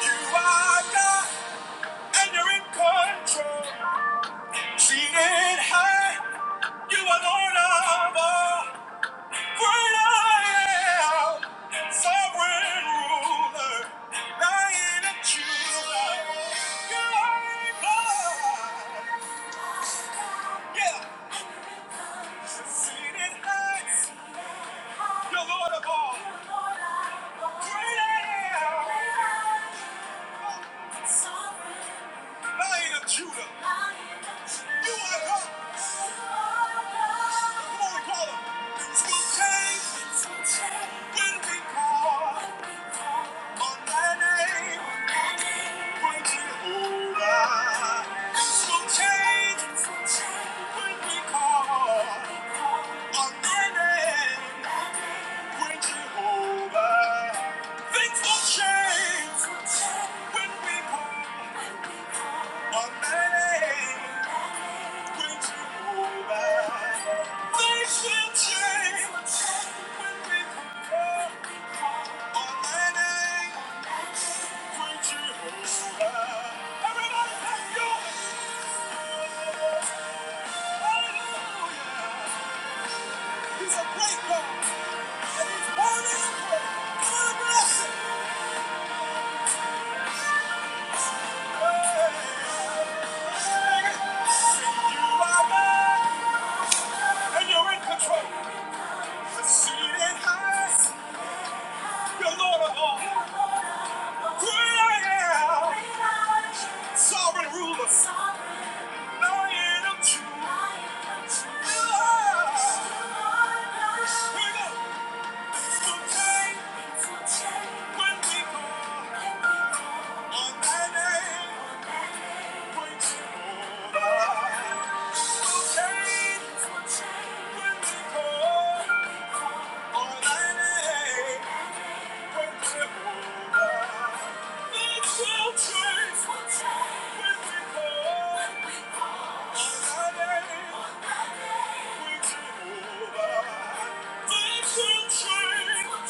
You are God, and you're in control. Seated high, you are Lord of all. Great I am, sovereign ruler, lion and true. You are God. Yeah. Seated Lord of all. Great I am. Lion of Judah, you are God. Come on, we call him. Things will change when we call on thy name. Great Jehovah. Things will change when we call on thy name. Great Jehovah. Things will change when we part. One day, when you move back? Things will change when we part. One day, when you move back? Everybody thank God. Hallelujah. He's a great God. And he's worthy of praise. God bless you. Sovereign ruler, lion of Judah. Thank you. Jehovah,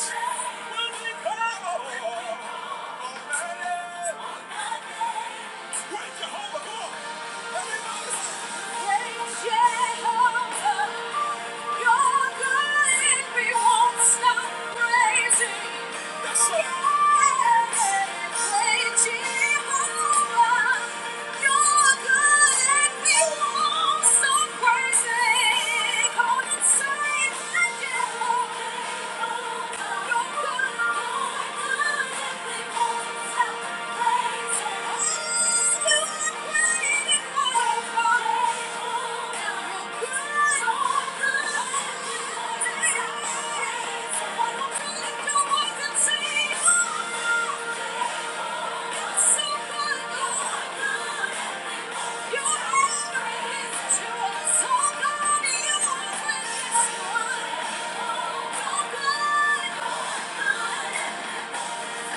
come on! Everybody! Praise Jehovah! Come on and say, I Thank you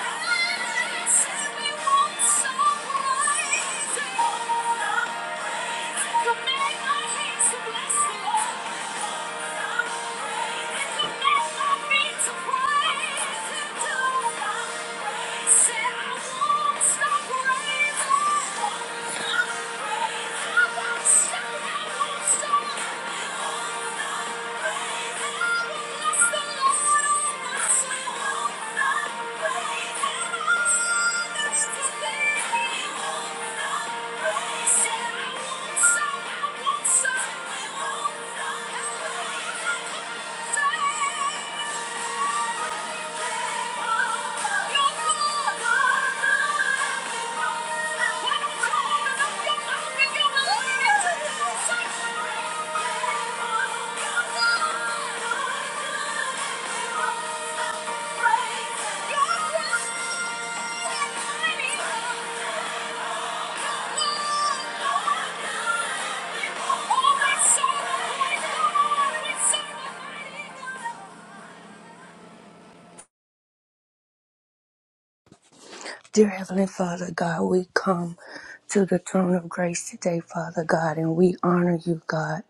make my hands to bless the Lord. Said I want some, I want some, I Thank you. Dear Heavenly Father God, we come to the throne of grace today, Father God, and we honor you, God.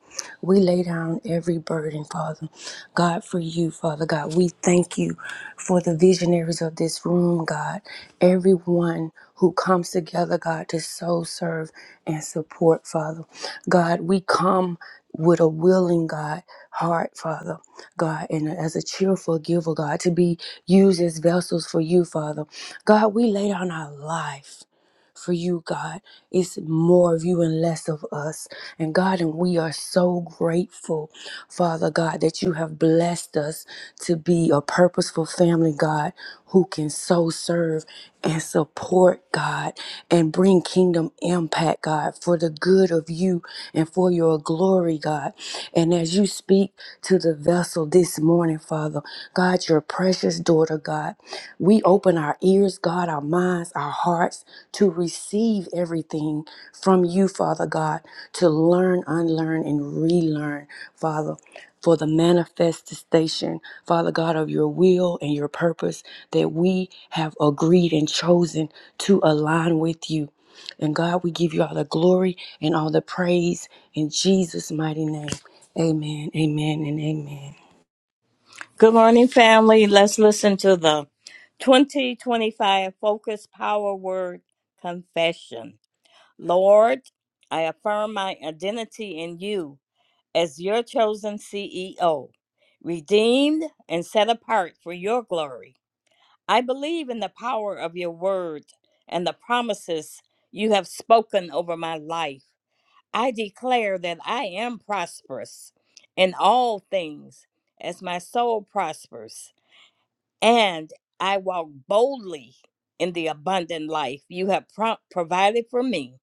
We lay down every burden, Father God, for you, Father God. We thank you for the visionaries of this room, God. Everyone who comes together, God, to so serve and support, Father. God, we come with a willing God heart, Father God, and as a cheerful giver, God, to be used as vessels for you, Father. God, we lay down our life for you, God. It's more of you and less of us. And God, and we are so grateful, Father God, that you have blessed us to be a purposeful family, God, who can so serve and support, God, and bring kingdom impact, God, for the good of you you and for your glory, God. And as you speak to the vessel this morning, Father, God, your precious daughter, God, we open our ears, God, our minds, our hearts to receive everything from you, Father God, to learn, unlearn, and relearn, Father for the manifestation, Father God, of your will and your purpose that we have agreed and chosen to align with you. And God, we give you all the glory, and all the praise in Jesus' mighty name. Amen, amen, and amen. Good morning, family. Let's listen to the 2025 Focus Power Word Confession. Lord, I affirm my identity in you as your chosen CEO, redeemed and set apart for your glory. I believe in the power of your word and the promises you have spoken over my life. I declare that I am prosperous in all things as my soul prospers and I walk boldly in the abundant life you have pro- provided for me.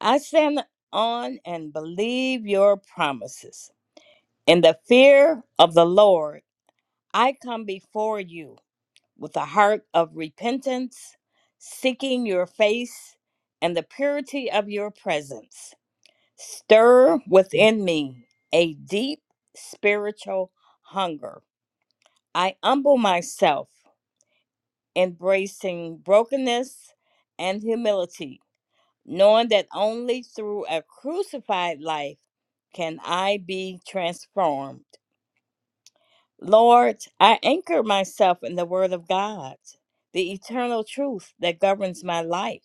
I stand on and believe your promises. In the fear of the Lord, I come before you with a heart of repentance, seeking your face and the purity of your presence. Stir within me a deep spiritual hunger. I humble myself embracing brokenness and humility, knowing that only through a crucified life can I be transformed. Lord, I anchor myself in the Word of God, the eternal truth that governs my life.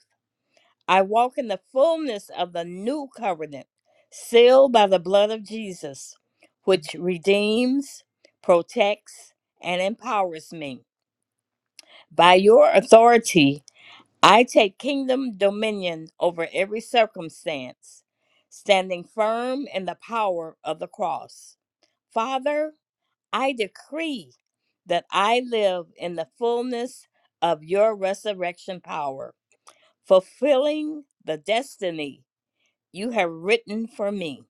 I walk in the fullness of the new covenant, sealed by the blood of Jesus, which redeems, protects, and empowers me. By your authority, I take kingdom dominion over every circumstance, standing firm in the power of the cross. Father, I decree that I live in the fullness of your resurrection power, fulfilling the destiny you have written for me.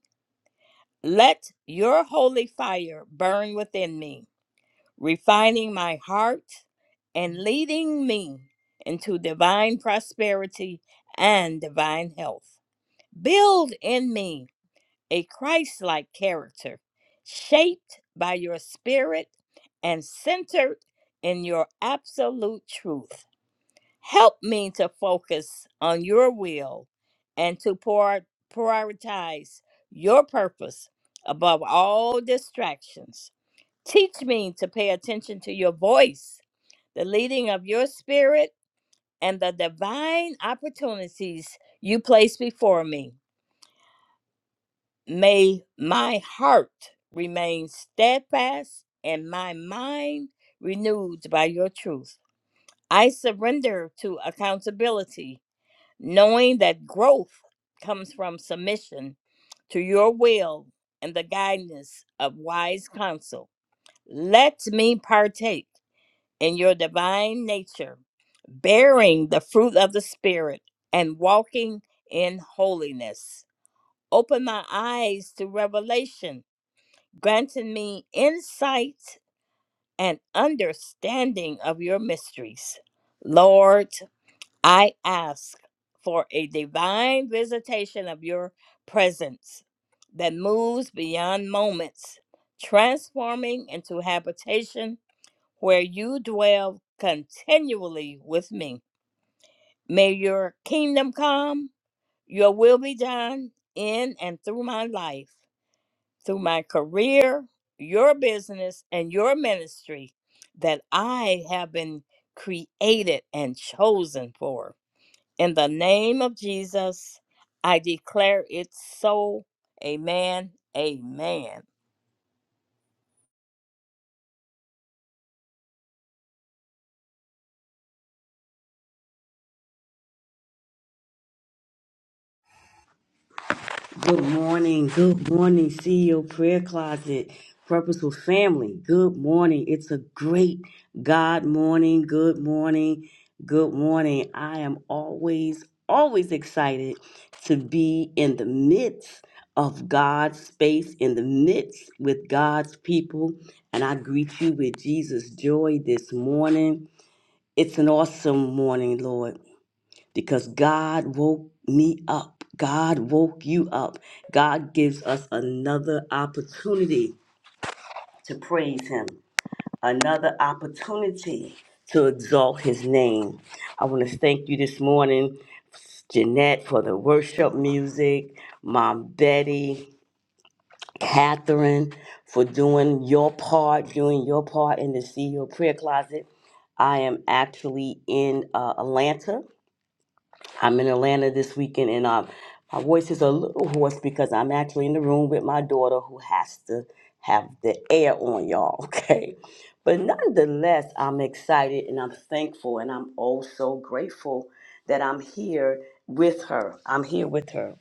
Let your holy fire burn within me refining my heart and leading me into divine prosperity and divine health. Build in me a Christ like character, shaped by your spirit and centered in your absolute truth. Help me to focus on your will and to prior- prioritize your purpose above all distractions. Teach me to pay attention to your voice, the leading of your spirit, and the divine opportunities you place before me. May my heart remain steadfast and my mind renewed by your truth. I surrender to accountability, knowing that growth comes from submission to your will and the guidance of wise counsel. Let me partake in your divine nature, bearing the fruit of the Spirit and walking in holiness. Open my eyes to revelation, granting me insight and understanding of your mysteries. Lord, I ask for a divine visitation of your presence that moves beyond moments, transforming into habitation where you dwell continually with me. May your kingdom come, your will be done in and through my life, through my career, your business, and your ministry that I have been created and chosen for. In the name of Jesus, I declare it so. Amen. Amen. Good morning. Good morning, CEO Prayer Closet, Purposeful Family. Good morning. It's a great God morning. Good morning. Good morning. I am always, always excited to be in the midst of God's space, in the midst with God's people. And I greet you with Jesus' joy this morning. It's an awesome morning, Lord because God woke me up. God woke you up. God gives us another opportunity to praise Him, another opportunity to exalt His name. I want to thank you this morning, Jeanette, for the worship music, Mom Betty, Catherine, for doing your part, doing your part in the CEO prayer closet. I am actually in uh, Atlanta I'm in Atlanta this weekend, and um, my voice is a little hoarse because I'm actually in the room with my daughter who has to have the air on, y'all. Okay, but nonetheless, I'm excited and I'm thankful, and I'm also grateful that I'm here with her. I'm here with her,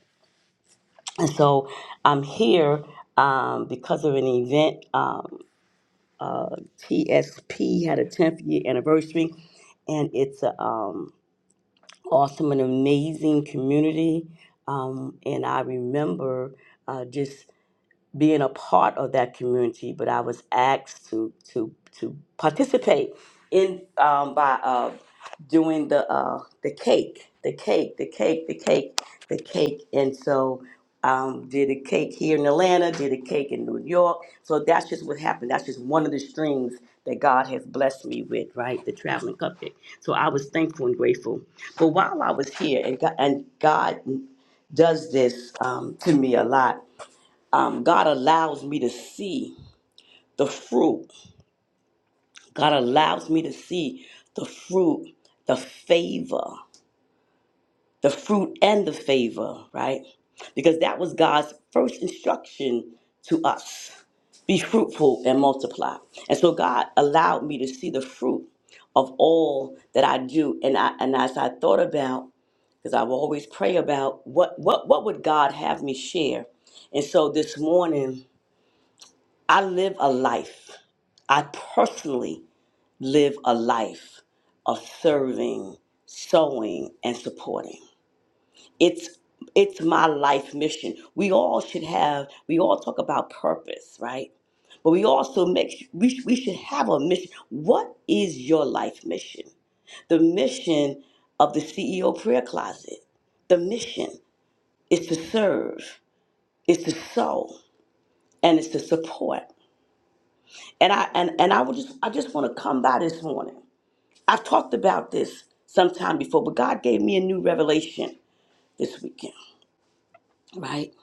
and so I'm here. Um, because of an event, um, uh, TSP had a 10th year anniversary, and it's a um, awesome and amazing community. Um, and I remember uh, just being a part of that community, but I was asked to to to participate in um, by uh, doing the uh, the cake, the cake, the cake, the cake, the cake, and so um, did a cake here in Atlanta, did a cake in New York. So that's just what happened. That's just one of the strings that God has blessed me with, right? The traveling cupcake. So I was thankful and grateful. But while I was here, and God, and God does this um, to me a lot um, God allows me to see the fruit. God allows me to see the fruit, the favor, the fruit and the favor, right? Because that was God's first instruction to us be fruitful and multiply. And so God allowed me to see the fruit of all that I do. And I and as I thought about, because I will always pray about what what what would God have me share. And so this morning I live a life. I personally live a life of serving, sewing, and supporting. It's it's my life mission. We all should have. We all talk about purpose, right? But we also make. We sh- we should have a mission. What is your life mission? The mission of the CEO Prayer Closet. The mission is to serve, is to sow, and is to support. And I and, and I would just I just want to come by this morning. I've talked about this sometime before, but God gave me a new revelation this weekend, right?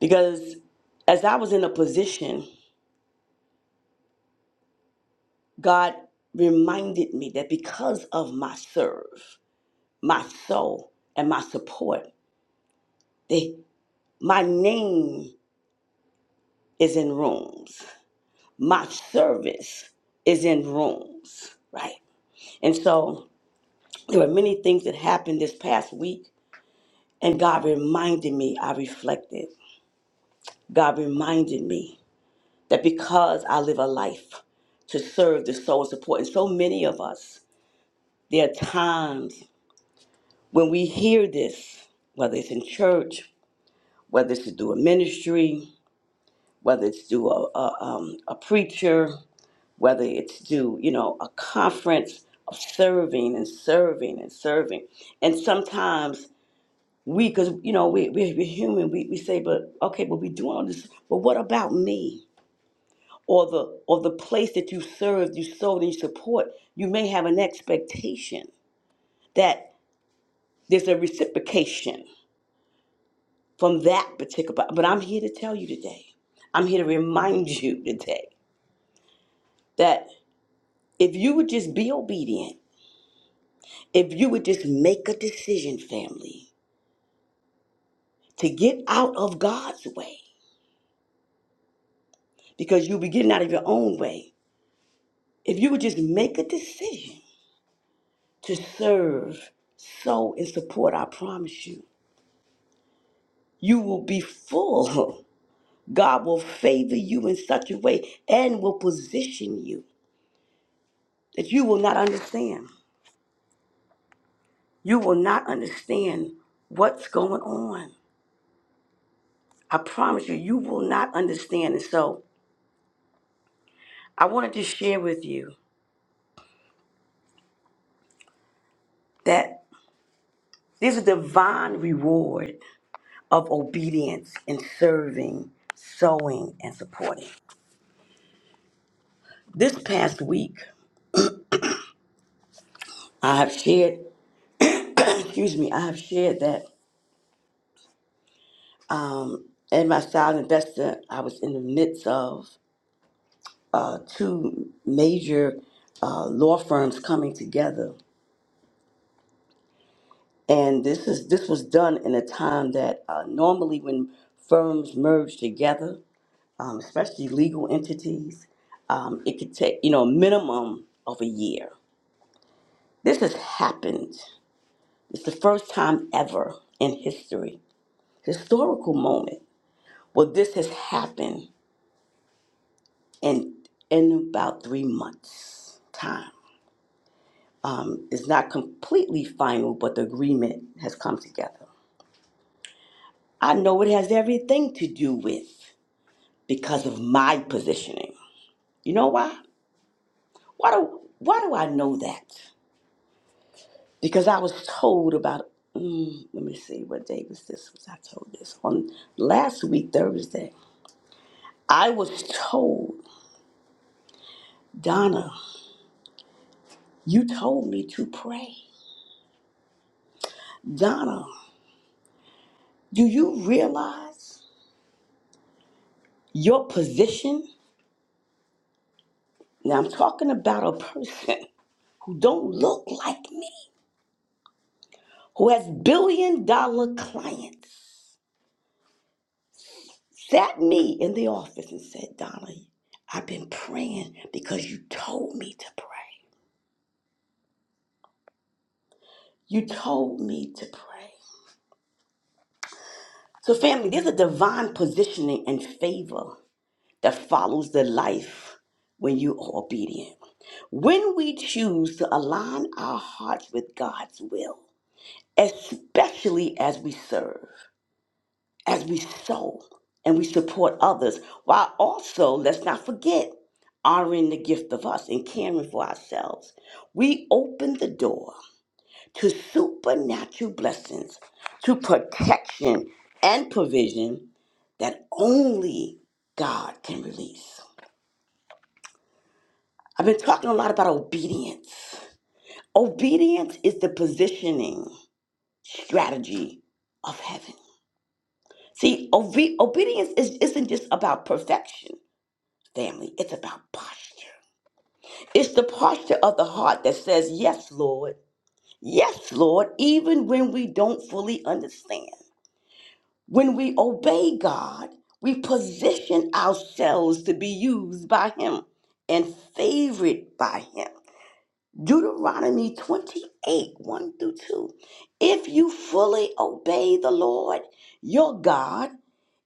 Because as I was in a position, God reminded me that because of my serve, my soul, and my support, they, my name is in rooms. My service is in rooms, right? And so there were many things that happened this past week And God reminded me, I reflected, God reminded me that because I live a life to serve the soul and support, and so many of us, there are times when we hear this, whether it's in church, whether it's to do a ministry, whether it's to a, a, um, a preacher, whether it's to, you know, a conference of serving and serving and serving. And sometimes We, because you know, we we we're human. We we say, but okay, but we do all this. But what about me? Or the or the place that you served, you sold, and you support. You may have an expectation that there's a reciprocation from that particular. But I'm here to tell you today. I'm here to remind you today that if you would just be obedient, if you would just make a decision, family, to get out of God's way, because you'll be getting out of your own way. If you would just make a decision to serve, sow, and support, I promise you. You will be full. God will favor you in such a way and will position you that you will not understand. You will not understand what's going on. I promise you, you will not understand. And so I wanted to share with you that there's a divine reward of obedience in serving, sowing, and supporting. This past week, I have shared. excuse me, I have shared that um, in my style investor, I was in the midst of uh, two major uh, law firms coming together, and this is this was done in a time that uh, normally when firms merge together, um, especially legal entities, um, it could take you know a minimum of a year. This has happened. It's the first time ever in history, historical moment. Well, this has happened in in about three months time um, it's not completely final but the agreement has come together i know it has everything to do with because of my positioning you know why why do why do i know that because i was told about mm, let me see what day was this was i told this on last week thursday i was told donna you told me to pray donna do you realize Your position, now I'm talking about a person who don't look like me, who has billion dollar clients, sat me in the office and said, Donna, I've been praying because you told me to pray. You told me to pray. So, family, there's a divine positioning and favor that follows the life when you are obedient. When we choose to align our hearts with God's will, especially as we serve. as we sow and we support others, while also, let's not forget, honoring the gift of us and caring for ourselves. We open the door to supernatural blessings, to protection and provision that only God can release. I've been talking a lot about obedience. Obedience is the positioning strategy of heaven. See, obe- obedience is, isn't just about perfection. family. It's about posture. It's the posture of the heart that says, Yes, Lord. Yes, Lord, even when we don't fully understand. When we obey God, we position ourselves to be used by Him and favored by Him. Deuteronomy 28 1 through 2. If you fully obey the Lord your God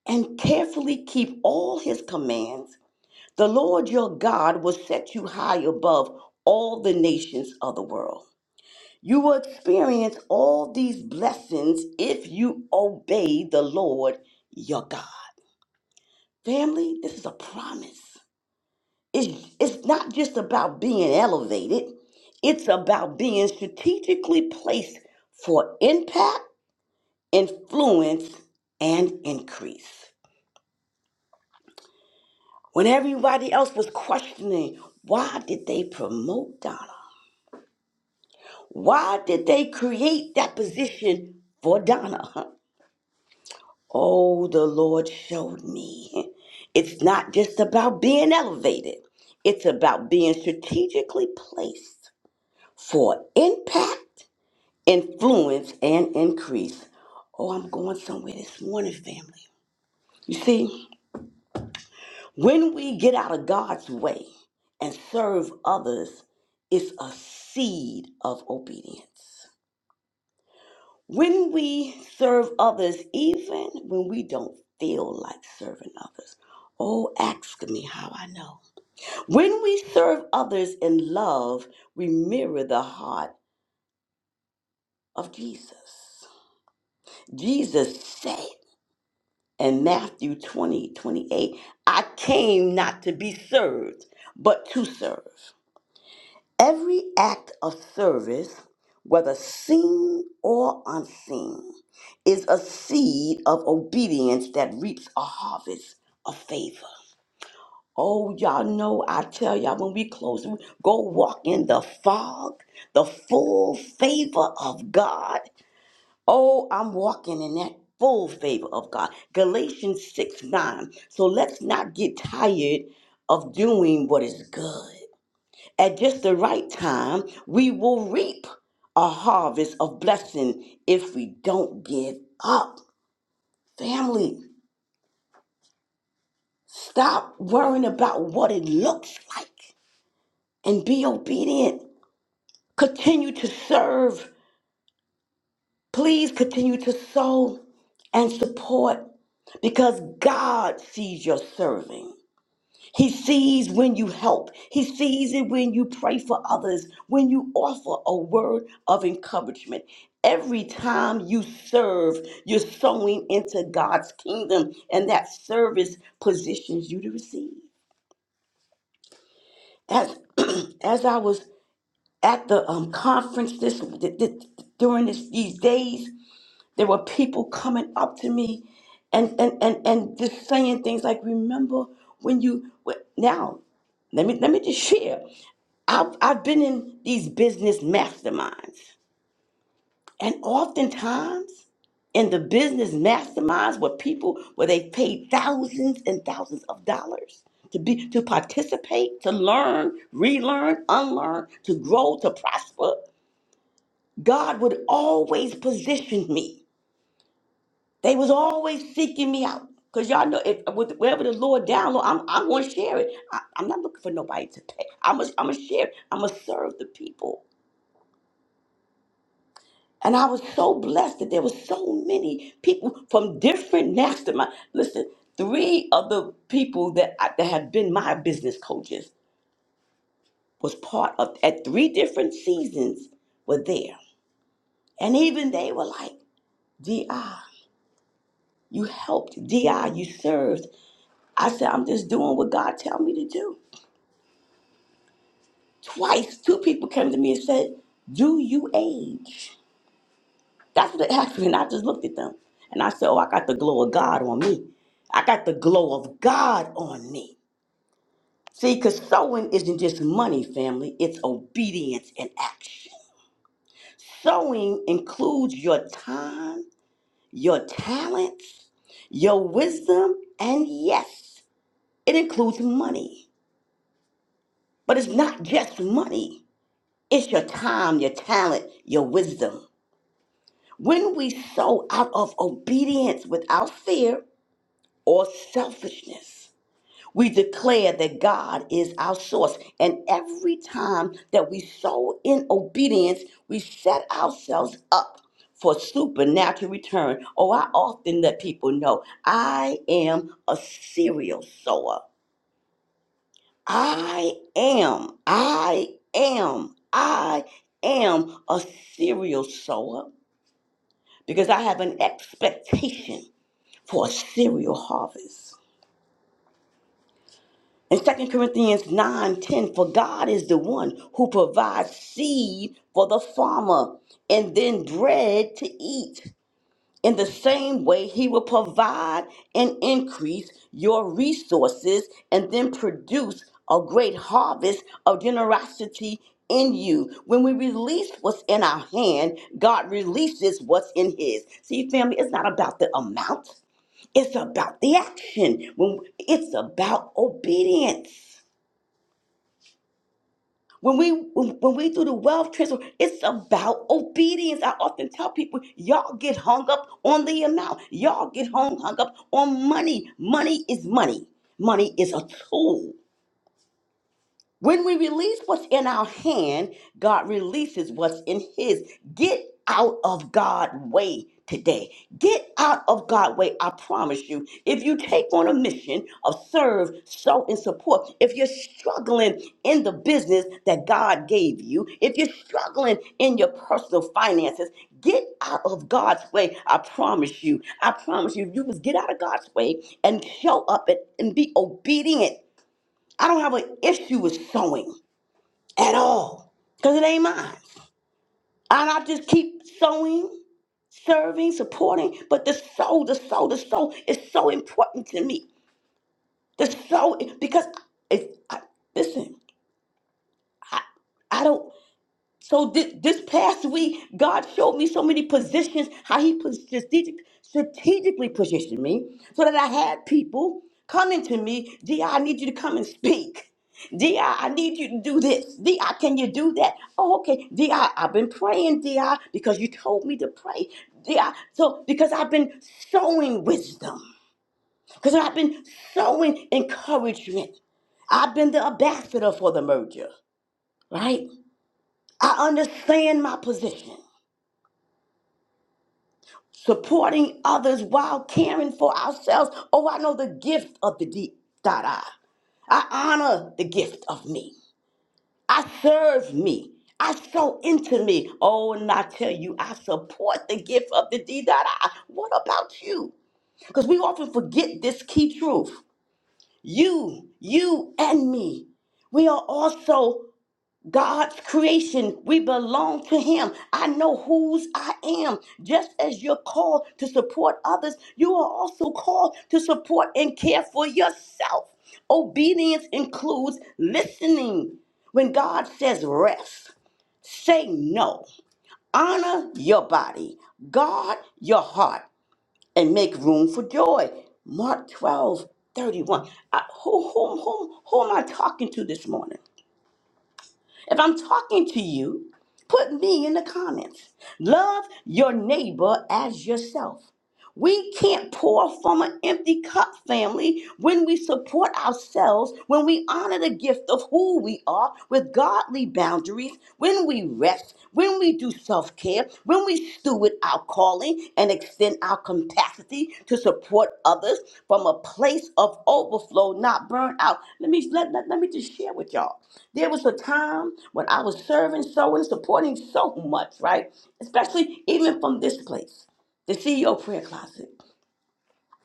and carefully keep all His commands, The Lord your God will set you high above all the nations of the world. You will experience all these blessings if you obey the Lord your God. Family, this is a promise. It's, it's not just about being elevated, it's about being strategically placed for impact, influence, and increase. When everybody else was questioning, why did they promote Donna? Why did they create that position for Donna? Oh, the Lord showed me. It's not just about being elevated, it's about being strategically placed for impact, influence, and increase. Oh, I'm going somewhere this morning, family. You see, when we get out of God's way and serve others, it's a seed of obedience. When we serve others, even when we don't feel like serving others, oh, ask me how I know. When we serve others in love, we mirror the heart of Jesus. Jesus said in Matthew 20 28, I came not to be served, but to serve. Every act of service, whether seen or unseen, is a seed of obedience that reaps a harvest of favor. Oh, y'all know, I tell y'all, when we close, we go walk in the fog, the full favor of God. Oh, I'm walking in that full favor of God. Galatians 6 9. So let's not get tired of doing what is good. At just the right time, we will reap a harvest of blessing if we don't give up. Family, stop worrying about what it looks like and be obedient. Continue to serve. Please continue to sow and support because God sees your serving. He sees when you help. He sees it when you pray for others, when you offer a word of encouragement. Every time you serve, you're sowing into God's kingdom, and that service positions you to receive. As as I was at the um, conference this th- th- during this, these days, there were people coming up to me and and and and just saying things like, "Remember when you wh- now." Let me let me just share. I've, I've been in these business masterminds, and oftentimes in the business masterminds where people where they paid thousands and thousands of dollars to be to participate, to learn, relearn, unlearn, to grow, to prosper, God would always position me. They was always seeking me out. Cause y'all know if with, wherever the Lord download, I'm I'm gonna share it. I, I'm not looking for nobody to pay. I'm gonna I'm gonna share it. I'm gonna serve the people. And I was so blessed that there were so many people from different mastermind. Listen, three of the people that I, that have been my business coaches was part of at three different seasons were there, and even they were like, "Di, you helped. Di, you served." I said, "I'm just doing what God tell me to do." Twice, two people came to me and said, "Do you age?" That's what happened. I just looked at them and I said, Oh, I got the glow of God on me. I got the glow of God on me. See, because sowing isn't just money, family, it's obedience and action. Sowing includes your time, your talents, your wisdom, and yes, it includes money. But it's not just money, it's your time, your talent, your wisdom. When we sow out of obedience without fear, or selfishness. We declare that God is our source. And every time that we sow in obedience, we set ourselves up for supernatural return. Oh, I often let people know I am a serial sower. I am, I am, I am a serial sower because I have an expectation for a serial harvest. In Second Corinthians 9 10, for God is the one who provides seed for the farmer and then bread to eat. In the same way, he will provide and increase your resources and then produce a great harvest of generosity in you. When we release what's in our hand, God releases what's in his. See, family, it's not about the amount, it's about the action. When it's about obedience. When we when we do the wealth transfer, it's about obedience. I often tell people, y'all get hung up on the amount. Y'all get hung hung up on money. Money is money. Money is a tool. When we release what's in our hand, God releases what's in His. Get out of God's way today. Get out of God's way. I promise you. If you take on a mission of serve, sow, and support, if you're struggling in the business that God gave you, if you're struggling in your personal finances, get out of God's way. I promise you. I promise you. If you just get out of God's way and show up and, and be obedient. I don't have an issue with sowing at all because it ain't mine. And I just keep sowing, serving, supporting. But the soul, the soul, the soul is so important to me. The soul, because it's, I, listen, I don't. So this, this past week, God showed me so many positions, how he pos- strategic, strategically positioned me so that I had people coming to me, D.I., I I need you to come and speak. D.I., I I need you to do this. D.I., can you do that? Oh, okay. D.I., I've been praying, D.I., because you told me to pray. D.I., so because I've been sowing wisdom, because I've been sowing encouragement. I've been the ambassador for the merger, right? I understand my position. Supporting others while caring for ourselves. Oh, I know the gift of the deep dot I. I honor the gift of me. I serve me. I sow into me. Oh, and I tell you, I support the gift of the D dot I. What about you? Because we often forget this key truth. You, you, and me. We are also God's creation, we belong to Him. I know whose I am. Just as you're called to support others, you are also called to support and care for yourself. Obedience includes listening. When God says rest, say no. Honor your body, guard your heart, and make room for joy. Mark 12 31. I, who, who, who, who am I talking to this morning? If I'm talking to you, put me in the comments. Love your neighbor as yourself. We can't pour from an empty cup, family, when we support ourselves, when we honor the gift of who we are with godly boundaries, when we rest, when we do self care, when we steward our calling and extend our capacity to support others from a place of overflow, not burnout. Let me, let, let, let me just share with y'all. There was a time when I was serving, sowing, supporting so much, right? Especially even from this place the CEO prayer closet.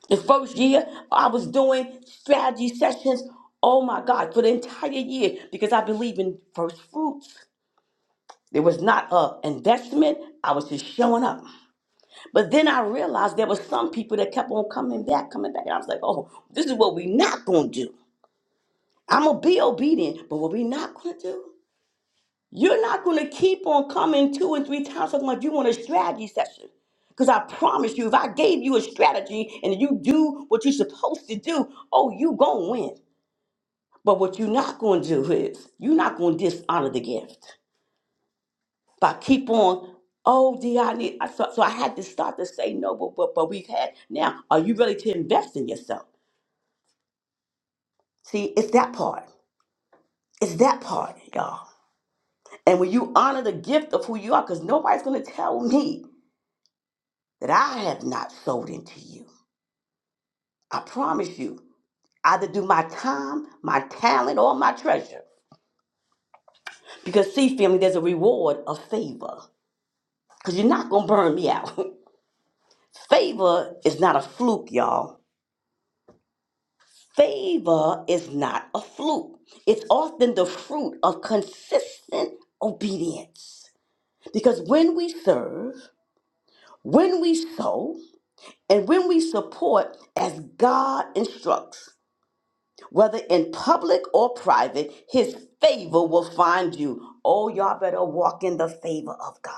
The first year I was doing strategy sessions, oh my God, for the entire year because I believe in first fruits. There was not a investment. I was just showing up. But then I realized there were some people that kept on coming back, coming back. And I was like, oh, this is what we not gonna do. I'm gonna be obedient, but what we not gonna do? You're not going to keep on coming two and three times talking about you want a strategy session. Because I promise you, if I gave you a strategy and you do what you're supposed to do, oh, you going to win. But what you're not going to do is you're not going to dishonor the gift. But I keep on, oh, D, I need, I, so, so I had to start to say no, but, but, but we've had, now, are you ready to invest in yourself? See, it's that part. It's that part, y'all. And when you honor the gift of who you are, because nobody's going to tell me that I have not sold into you. I promise you, either do my time, my talent, or my treasure. Because, see, family, there's a reward of favor. Because you're not going to burn me out. favor is not a fluke, y'all. Favor is not a fluke. It's often the fruit of consistent obedience. Because when we serve, when we sow, and when we support as God instructs, whether in public or private, his favor will find you. Oh, y'all better walk in the favor of God.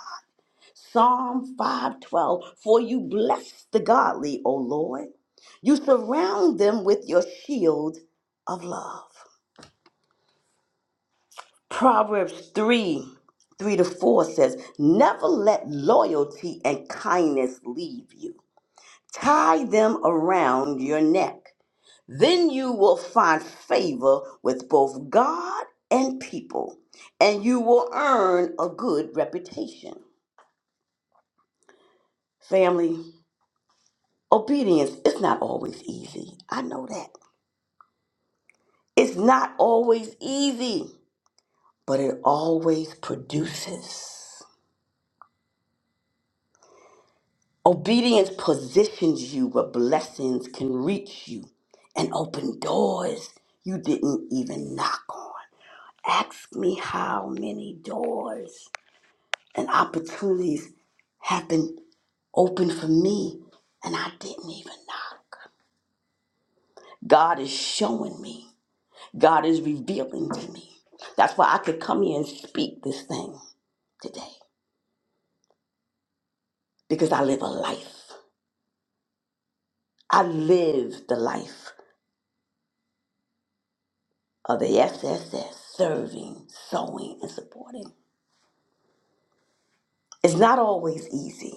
Psalm 512 For you bless the godly, O Lord. You surround them with your shield of love. Proverbs 3 3 to 4 says, Never let loyalty and kindness leave you. Tie them around your neck. Then you will find favor with both God and people, and you will earn a good reputation. Family, obedience is not always easy. I know that. It's not always easy, but it always produces. Obedience positions you where blessings can reach you and open doors you didn't even knock on. Ask me how many doors and opportunities have been open for me and I didn't even knock. God is showing me. God is revealing to me. That's why I could come here and speak this thing today because I live a life. I live the life of the SSS, serving, sowing, and supporting. It's not always easy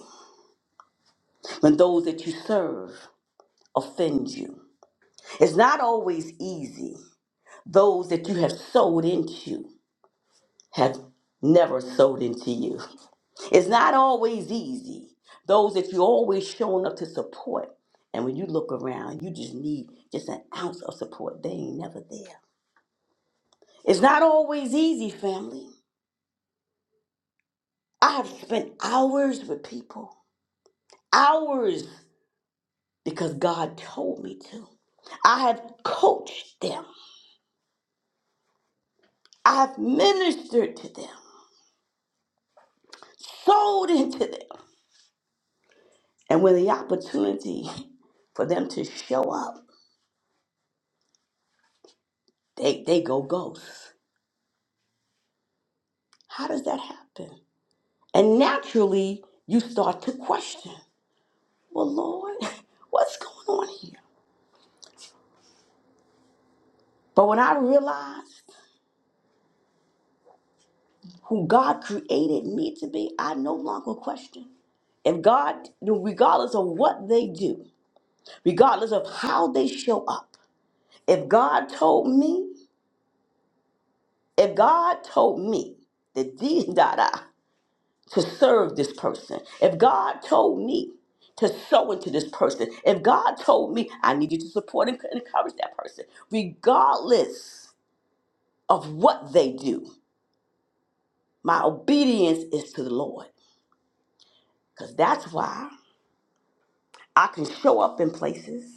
when those that you serve offend you. It's not always easy those that you have sowed into Have never sowed into you. It's not always easy. Those that you're always showing up to support. And when you look around, you just need just an ounce of support. They ain't never there. It's not always easy, family. I have spent hours with people, hours because God told me to. I have coached them, I have ministered to them, sold into them. And when the opportunity for them to show up. they they go ghosts. How does that happen? And naturally, you start to question. Well, Lord, what's going on here? But when I realized who God created me to be, I no longer question. If God, regardless of what they do, regardless of how they show up, if God told me, if God told me that these da da. to serve this person. If God told me to sow into this person, if God told me I need you to support and encourage that person, regardless of what they do, my obedience is to the Lord. Because that's why I can show up in places.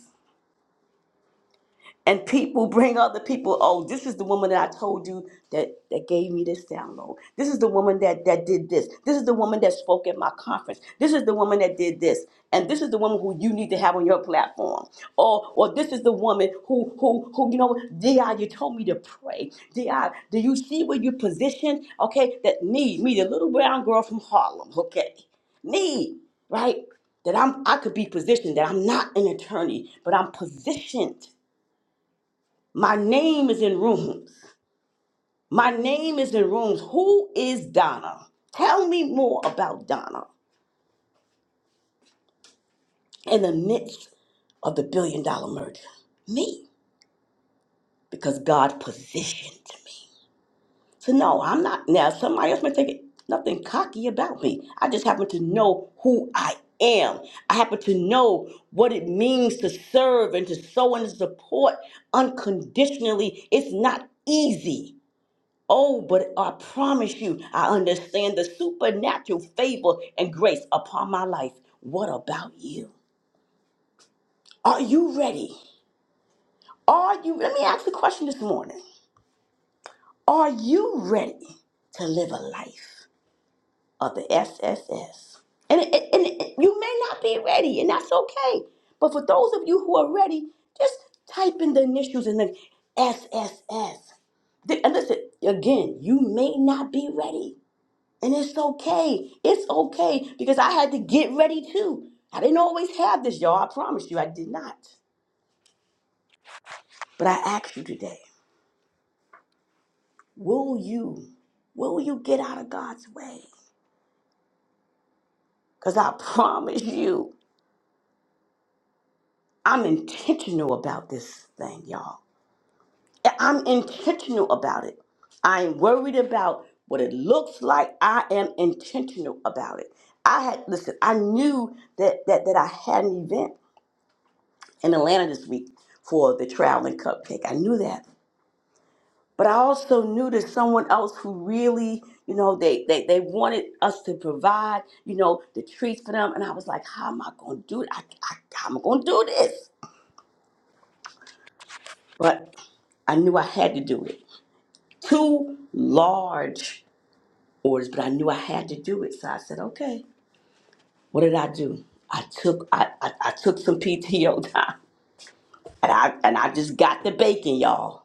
and people bring other people oh this is the woman that i told you that that gave me this download this is the woman that that did this this is the woman that spoke at my conference this is the woman that did this and this is the woman who you need to have on your platform or or this is the woman who who who you know di you told me to pray di do you see where you positioned okay that need me the little brown girl from harlem okay need right that i'm i could be positioned that i'm not an attorney but i'm positioned my name is in rooms. My name is in rooms. Who is Donna? Tell me more about Donna in the midst of the billion dollar merger. Me, because God positioned me. So, no, I'm not. Now, somebody else might think it, nothing cocky about me. I just happen to know who I am. I happen to know what it means to serve and to sow and to support unconditionally. It's not easy Oh, but I promise you, I understand the supernatural favor and grace upon my life. What about you? Are you ready? Are you, let me ask you a question this morning. Are you ready to live a life of the SSS? And, it, it- and it- you may not be ready, and that's okay. But for those of you who are ready, just type in the initials and then SSS. Th- And listen, again, you may not be ready. And it's okay. It's okay because I had to get ready too. I didn't always have this, y'all. I promise you, I did not. But I ask you today, will you, will you get out of God's way? Because I promise you, I'm intentional about this thing, y'all. I- I'm intentional about it. I ain't worried about what it looks like. I am intentional about it. I had listen, I knew that that that I had an event. in Atlanta this week for the traveling cupcake. I knew that. But I also knew that someone else who really, you know, they, they, they wanted us to provide, you know, the treats for them. And I was like, how am I going to do it? I, I, how am I going to do this? But I knew I had to do it. Two large orders, but I knew I had to do it. So I said, okay. What did I do? I took I, I, I took some PTO time and I and I just got the bacon, y'all,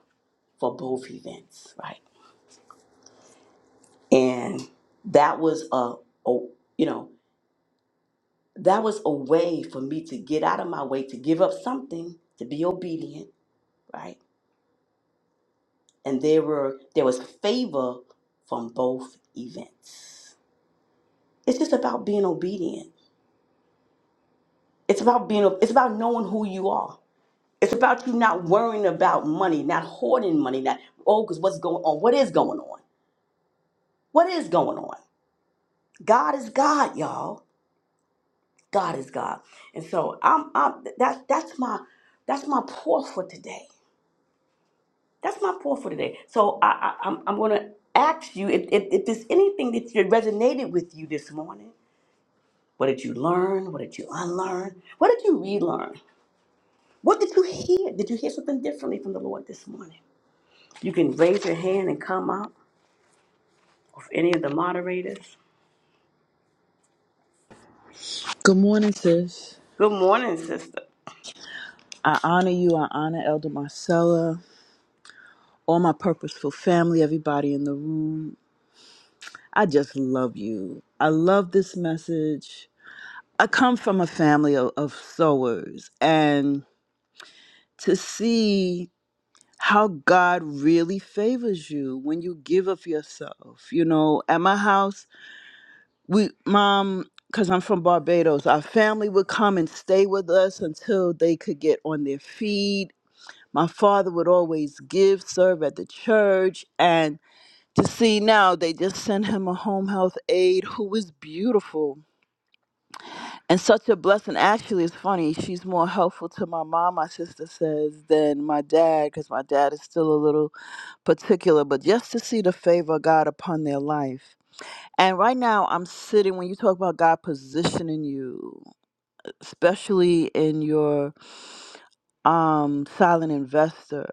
for both events, right? and that was a, a you know that was a way for me to get out of my way to give up something to be obedient right and there were there was favor from both events it's just about being obedient it's about being it's about knowing who you are it's about you not worrying about money not hoarding money not oh because what's going on what is going on what is going on god is god y'all God is God. And so I'm, I'm that's that's my that's my pour for today. That's my pour for today. So I, I I'm I'm gonna ask you if, if if there's anything that resonated with you this morning. What did you learn? What did you unlearn? What did you relearn? What did you hear? Did you hear something differently from the Lord this morning? You can raise your hand and come up with any of the moderators. Good morning, sis. Good morning, sister. I honor you. I honor Elder Marcella, all my purposeful family, everybody in the room. I just love you. I love this message. I come from a family of, of sowers, and to see how God really favors you when you give of yourself. You know, at my house, we, mom, because I'm from Barbados, our family would come and stay with us until they could get on their feet my father would always give, serve at the church, and to see now they just sent him a home health aide who is beautiful and such a blessing. Actually, it's funny. She's more helpful to my mom, my sister says, than my dad because my dad is still a little particular. But just to see the favor of God upon their life. And right now, I'm sitting when you talk about God positioning you especially in your um silent investor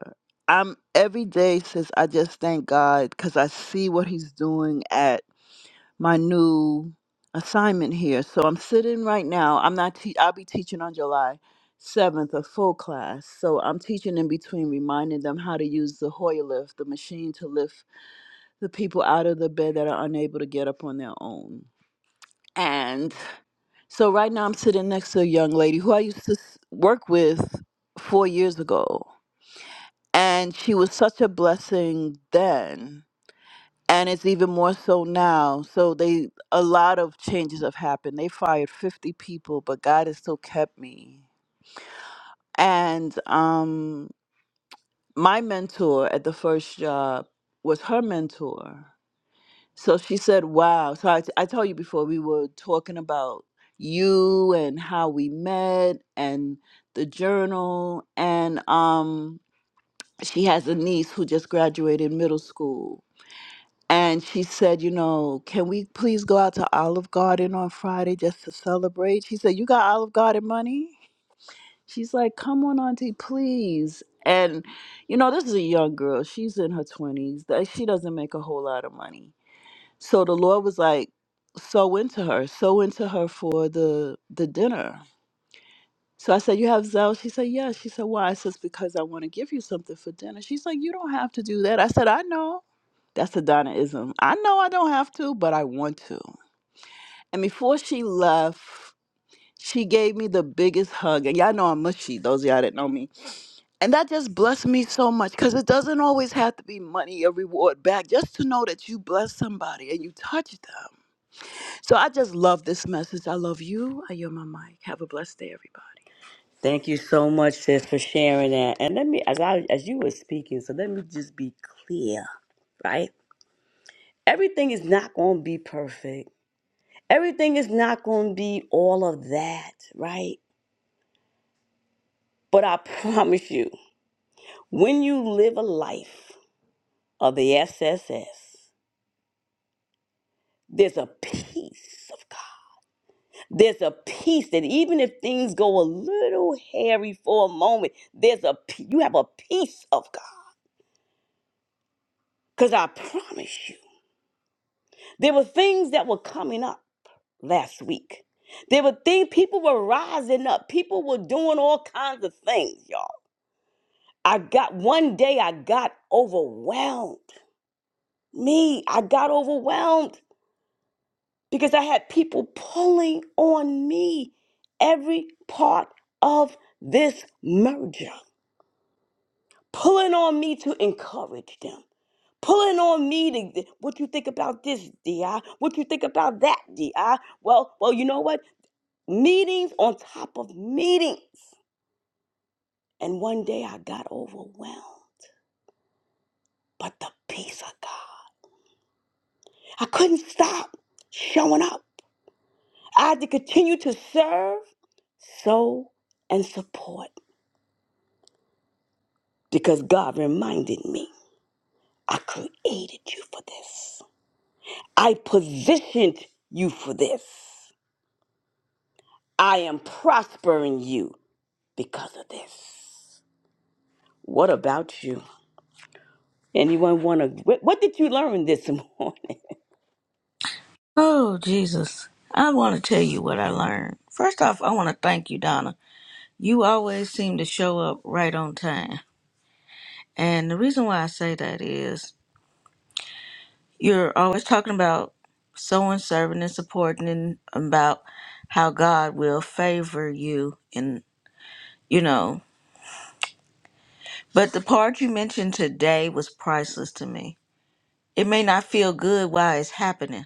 i'm every day says i just thank god because i see what he's doing at my new assignment here so i'm sitting right now i'm not te- i'll be teaching on july 7th a full class so i'm teaching in between reminding them how to use the hoyer lift the machine to lift the people out of the bed that are unable to get up on their own so right now I'm sitting next to a young lady who I used to s- work with four years ago. And she was such a blessing then. And it's even more so now. So they a lot of changes have happened. They fired 50 people, but God has still kept me. And um my mentor at the first job was her mentor. So she said, Wow. So I, I told you before, we were talking about you and how we met and the journal. And um, she has a niece who just graduated middle school. And she said, You know, can we please go out to Olive Garden on Friday just to celebrate? She said, You got Olive Garden money? She's like, Come on, Auntie, please. And, you know, this is a young girl. She's in her 20s. That- She doesn't make a whole lot of money so the Lord was like, "Sow into her, sow into her for the the dinner." So I said, "You have zeal." She said, "Yeah." She said, "Why?" I says, "Because I want to give you something for dinner." She's like, "You don't have to do that." I said, "I know." That's a Donnaism. I know I don't have to, but I want to. And before she left, she gave me the biggest hug. And y'all know I'm mushy, those of y'all that know me. And that just blessed me so much because it doesn't always have to be money or reward back. Just to know that you bless somebody and you touch them. So I just love this message. I love you. I yield my mic. Have a blessed day, everybody. Thank you so much, sis, for sharing that. And let me, as I as you were speaking, so let me just be clear, right? Everything is not going to be perfect. Everything is not going to be all of that, right? But I promise you, when you live a life of the SSS, there's a peace of God. There's a peace that even if things go a little hairy for a moment, there's a pe- you have a peace of God. Cause I promise you. There were things that were coming up last week. There were things people were rising up. People were doing all kinds of things, y'all. I got one day I got overwhelmed. Me, I got overwhelmed because I had people pulling on me every part of this merger, pulling on me to encourage them. Pulling on me to what you think about this, Di? What you think about that, Di? Well, well, you know what? meetings on top of meetings. And one day I got overwhelmed. But the peace of God, I couldn't stop showing up. I had to continue to serve, sow, and support because God reminded me I created you for this. I positioned you for this. I am prospering you because of this. What about you? Anyone want to? What what did you learn this morning? Oh, Jesus. I want to tell you what I learned. First off, I want to thank you, Donna. You always seem to show up right on time. And the reason why I say that is you're always talking about sowing, serving, and supporting, and about how God will favor you. And, you know, but the part you mentioned today was priceless to me. It may not feel good while it's happening,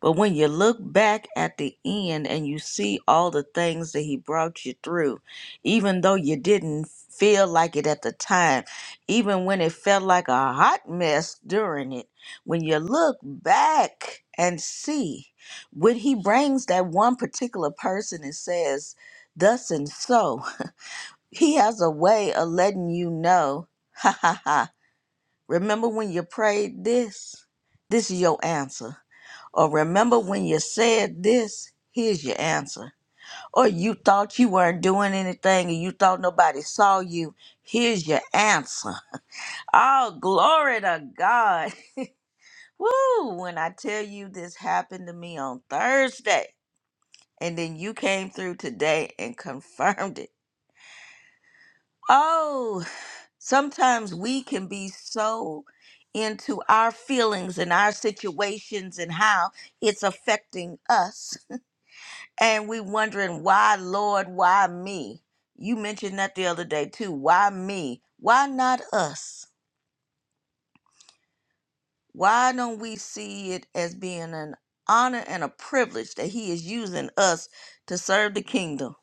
But when you look back at the end and you see all the things that he brought you through, even though you didn't feel like it at the time, even when it felt like a hot mess during it, when you look back and see when he brings that one particular person and says, Thus and so, he has a way of letting you know, ha ha ha, remember when you prayed this? This is your answer or remember when you said this? Here's your answer. Or you thought you weren't doing anything and you thought nobody saw you. Here's your answer. Oh, glory to God. Woo! When I tell you this happened to me on Thursday, and then you came through today and confirmed it. Oh, sometimes we can be so into our feelings and our situations and how it's affecting us and we wondering why lord why me you mentioned that the other day too why me why not us why don't we see it as being an honor and a privilege that he is using us to serve the kingdom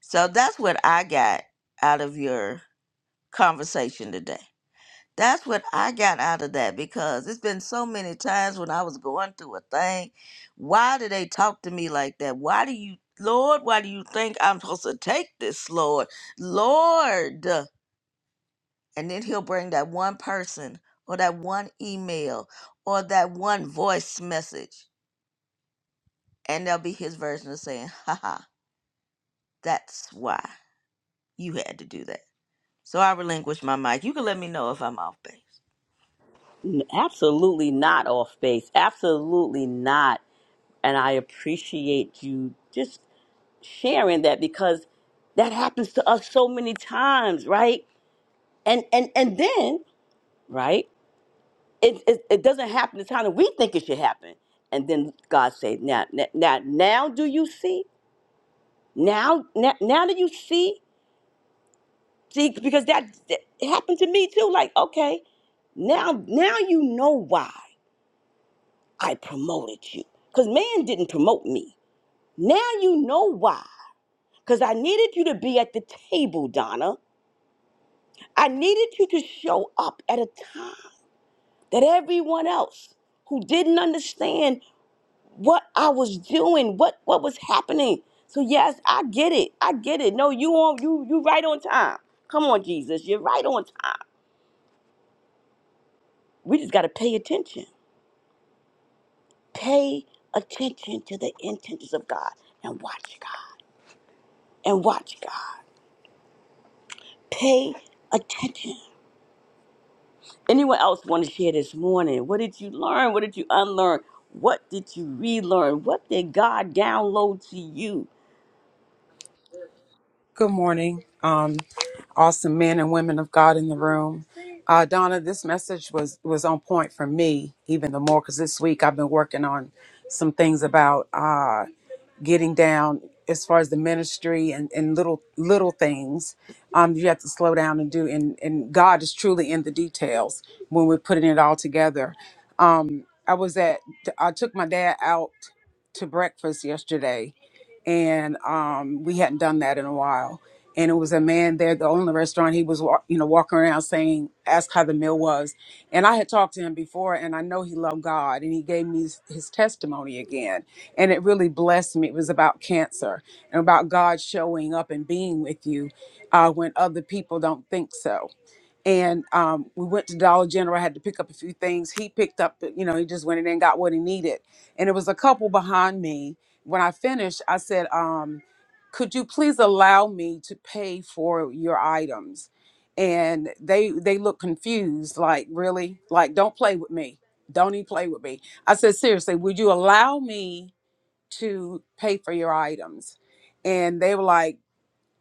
so that's what i got out of your conversation today That's what I got out of that because it's been so many times when I was going through a thing. Why do they talk to me like that? Why do you, Lord, why do you think I'm supposed to take this, Lord? Lord. And then he'll bring that one person or that one email or that one voice message. And there'll be his version of saying, haha, that's why you had to do that. So I relinquish my mic. You can let me know if I'm off base. Absolutely not off base. Absolutely not. And I appreciate you just sharing that because that happens to us so many times, right? And and and then, right? It it, it doesn't happen the time that we think it should happen. And then God says, "Now, now, now now do you see? Now, now, now do you see? See, because that, that happened to me too. Like, okay, now, now you know why I promoted you, because man didn't promote me." Now you know why. Because I needed you to be at the table, Donna. I needed you to show up at a time that everyone else who didn't understand what I was doing, what, what was happening. So yes, I get it. I get it. No, you on you you right on time. Come on, Jesus. You're right on time. We just gotta pay attention. Pay attention to the intentions of God and watch God. And watch God. Pay attention anyone else want to share this morning? What did you learn? What did you unlearn? What did you relearn? What did God download to you? Good morning, um, awesome men and women of God in the room. Uh, Donna, this message was was on point for me even the more because this week I've been working on some things about uh, getting down as far as the ministry and, and little little things um, you have to slow down and do and, and god is truly in the details when we're putting it all together um, i was at i took my dad out to breakfast yesterday and um, we hadn't done that in a while and it was a man there the only restaurant he was wa- you know walking around saying ask how the meal was and i had talked to him before and i know he loved god and he gave me his, his testimony again and it really blessed me. It was about cancer and about God showing up and being with you uh, when other people don't think so. And um, we went to Dollar General. I had to pick up a few things. He picked up, you know, he just went in there and got what he needed. And it was a couple behind me. When I finished, I said, um, "Could you please allow me to pay for your items?" And they they looked confused, like really, like don't play with me, don't even play with me. I said, seriously, would you allow me? to pay for your items. And they were like,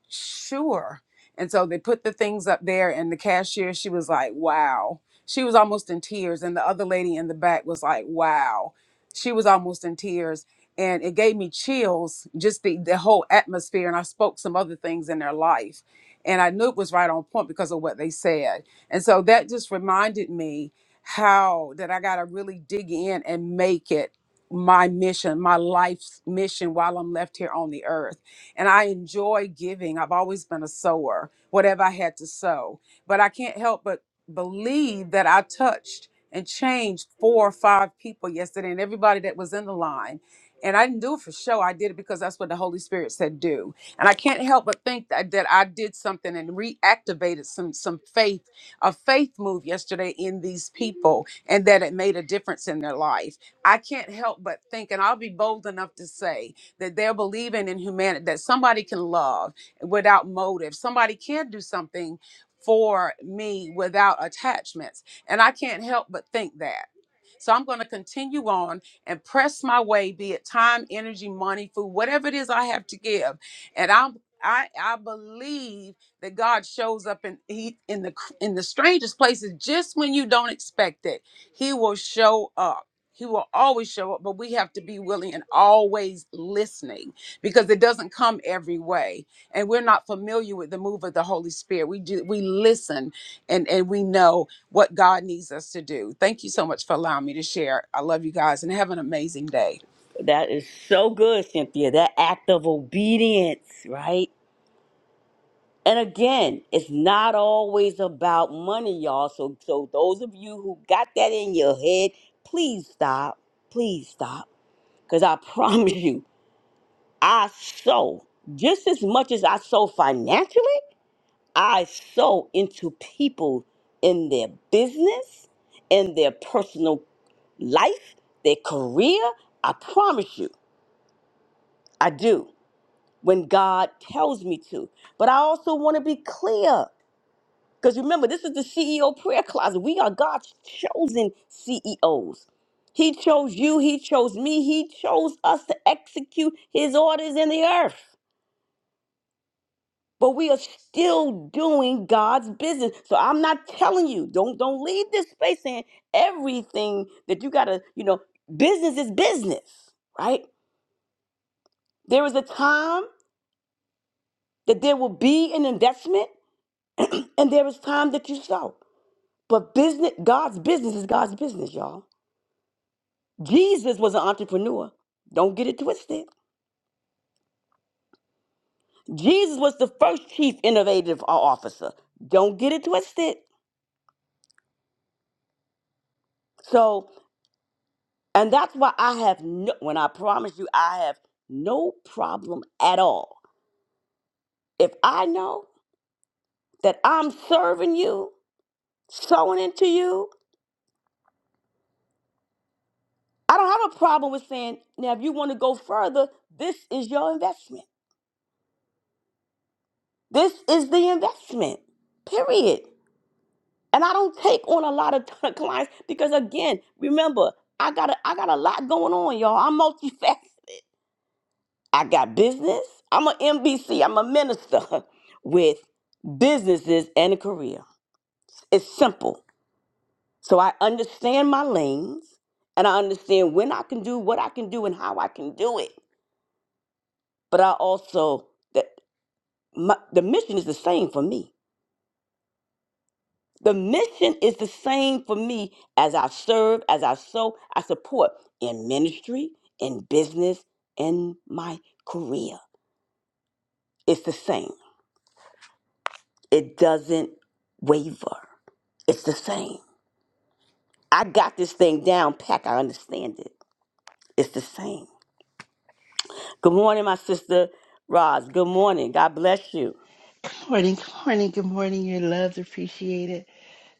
sure. And so they put the things up there, and the cashier, she was like, wow. She was almost in tears. And the other lady in the back was like, wow. She was almost in tears. And it gave me chills, just the, the whole atmosphere. And I spoke some other things in their life. And I knew it was right on point because of what they said. And so that just reminded me how that I got to really dig in and make it my mission, my life's mission while I'm left here on the earth and I enjoy giving. I've always been a sower, whatever I had to sow. But I can't help but believe that I touched and changed four or five people yesterday and everybody that was in the line. And I didn't do it for show. I did it because that's what the Holy Spirit said do. And I can't help but think that, that I did something and reactivated some some faith, a faith move yesterday in these people and that it made a difference in their life. I can't help but think, and I'll be bold enough to say that they're believing in humanity, that somebody can love without motive, somebody can do something for me without attachments. And I can't help but think that. So I'm going to continue on and press my way, be it time, energy, money, food, whatever it is I have to give. And I'm I, I believe that God shows up in he in the in the strangest places just when you don't expect it. He will show up. He will always show up, but we have to be willing and always listening because it doesn't come every way. And we're not familiar with the move of the Holy Spirit. We do we listen and, and we know what God needs us to do. Thank you so much for allowing me to share. I love you guys and have an amazing day. That is so good, Cynthia. That act of obedience, right? And again, it's not always about money, y'all. So, so those of you who got that in your head, please stop. Please stop. Because I promise you, I sow just as much as I sow financially. I sow into people in their business, in their personal life, their career. I promise you, I do when God tells me to. But I also want to be clear because remember, this is the CEO prayer closet. We are God's chosen CEOs. He chose you, He chose me, He chose us to execute His orders in the earth. but we are still doing God's business. So I'm not telling you, don't don't leave this space saying everything that you gotta, you know, business is business, right? There is a time that there will be an investment, and there is time that you sow. But business, God's business is God's business, y'all. Jesus was an entrepreneur. Don't get it twisted. Jesus was the first chief innovative officer. Don't get it twisted. So And that's why I have no, when I promise you, I have no problem at all. If I know that I'm serving you, sowing into you, I don't have a problem with saying, now, if you want to go further, this is your investment. This is the investment, period. And I don't take on a lot of clients because, again, remember, I got a, I got a lot going on, y'all. I'm multifaceted. I got business. I'm a MBC. I'm a minister with businesses and a career. It's simple. So I understand my lanes and I understand when I can do what I can do and how I can do it. But I also that my, the mission is the same for me. The mission is the same for me as I serve, as I sow, I support in ministry, in business, in my career. It's the same. It doesn't waver. It's the same. I got this thing down pack. I understand it. It's the same. Good morning, my sister Roz. Good morning. God bless you. Morning, good morning, good morning. You're loved, appreciated,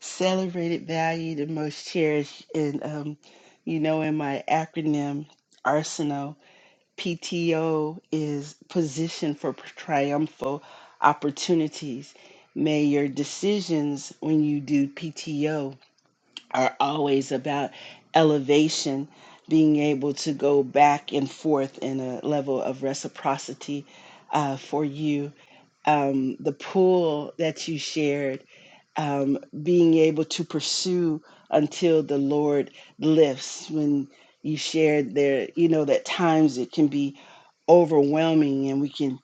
celebrated, valued, and most cherished. And um, you know, in my acronym arsenal, PTO is position for triumphal opportunities. May your decisions when you do PTO are always about elevation, being able to go back and forth in a level of reciprocity uh, for you um, the pool that you shared, um, being able to pursue until the Lord lifts. When you shared there, you know, that times it can be overwhelming and we can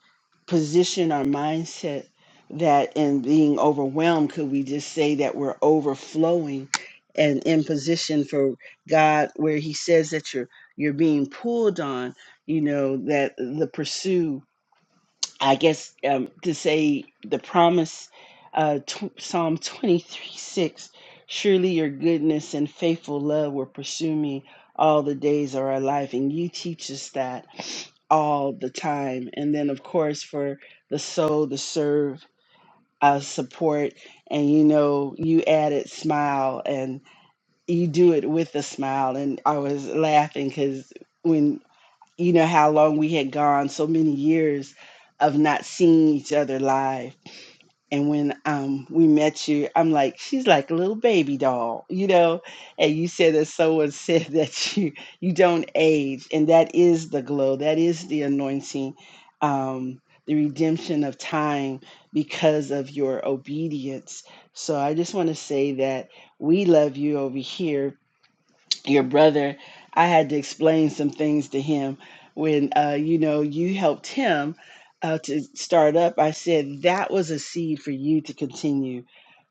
position our mindset that in being overwhelmed, could we just say that we're overflowing and in position for God where he says that you're you're being pulled on, you know, that the pursue I guess um, to say the promise, uh, tw Psalm 23 6 Surely your goodness and faithful love will pursue me all the days of our life. And you teach us that all the time. And then, of course, for the soul to serve, uh, support, and you know, you added smile and you do it with a smile. And I was laughing because. when you know how long we had gone so many years of not seeing each other live and when um we met you i'm like she's like a little baby doll you know and you said that someone said that you you don't age and that is the glow that is the anointing um the redemption of time because of your obedience so i just want to say that we love you over here your brother, I had to explain some things to him when uh, you know you helped him uh, to start up. I said that was a seed for you to continue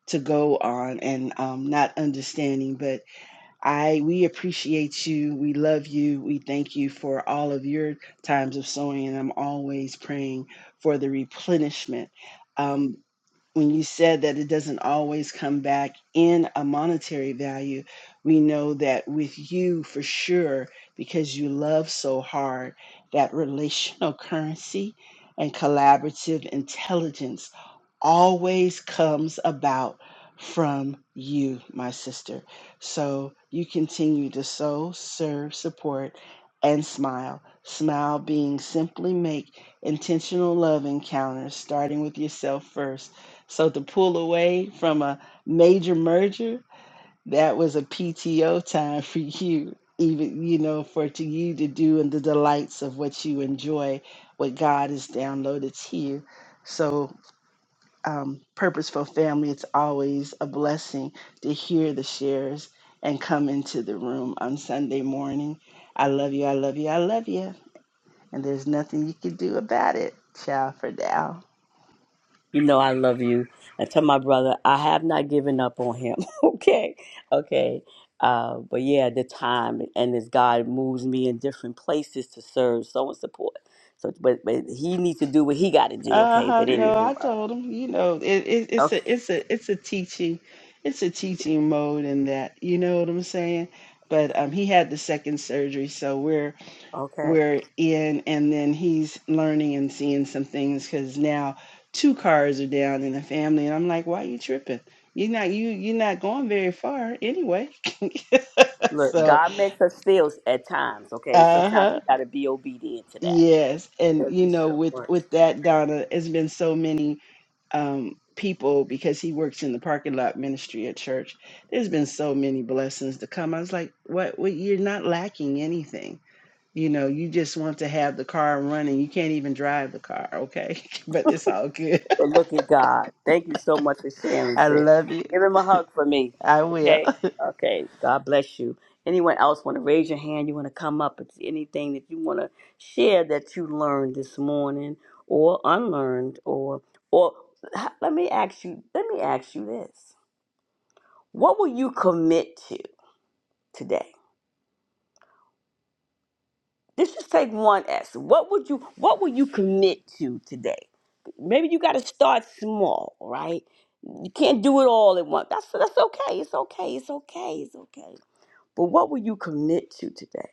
to go on and um, not understanding, but I we appreciate you. We love you. We thank you for all of your times of sowing, and I'm always praying for the replenishment. Um, when you said that it doesn't always come back in a monetary value, we know that with you for sure, because you love so hard, that relational currency and collaborative intelligence always comes about from you, my sister. So you continue to sow, serve, support, and smile. Smile being simply make intentional love encounters, starting with yourself first so to pull away from a major merger, that was a PTO time for you, even you know, for to you to do and the delights of what you enjoy, what God has downloaded to you. So, um, purposeful family, it's always a blessing to hear the shares and come into the room on Sunday morning. I love you, I love you, I love you, and there's nothing you can do about it. Ciao for now. You know I love you. And tell my brother, I have not given up on him. okay. Okay. Uh, but yeah, the time and as God moves me in different places to serve, so and support. So, but but he needs to do what he got to do. Okay. Uh-huh. But No, anywho, I uh, told him, you know, it, it it's okay. a it's a it's a teaching, it's a teaching mode in that, you know what I'm saying? But um he had the second surgery, so we're Okay. we're in and then he's learning and seeing some things because now two cars are down in the family and I'm like, why you tripping? You're not you you're not going very far anyway. Look, So God makes us feel at times, okay? sometimes we uh-huh. got to be obedient to that. Yes. And Thank you you know, so with much. with that, Donna, it's been so many um, people because he works in the parking lot ministry at church. There's been so many blessings to come. I was like, what? what you're not lacking anything. You know, you just want to have the car running. You can't even drive the car, okay? but it's all good. But look at God. Thank you so much for sharing, I sis. love you. Give him a hug for me, I will. okay? Okay. God bless you. Anyone else want to raise your hand? You want to come up? It's anything that you want to share that you learned this morning, or unlearned, or or let me ask you. Let me ask you this: What will you commit to today? This is take one S. What would you What would you commit to today? Maybe you got to start small, right? You can't do it all at once. That's that's okay. It's okay. It's okay. It's okay. But what will you commit to today?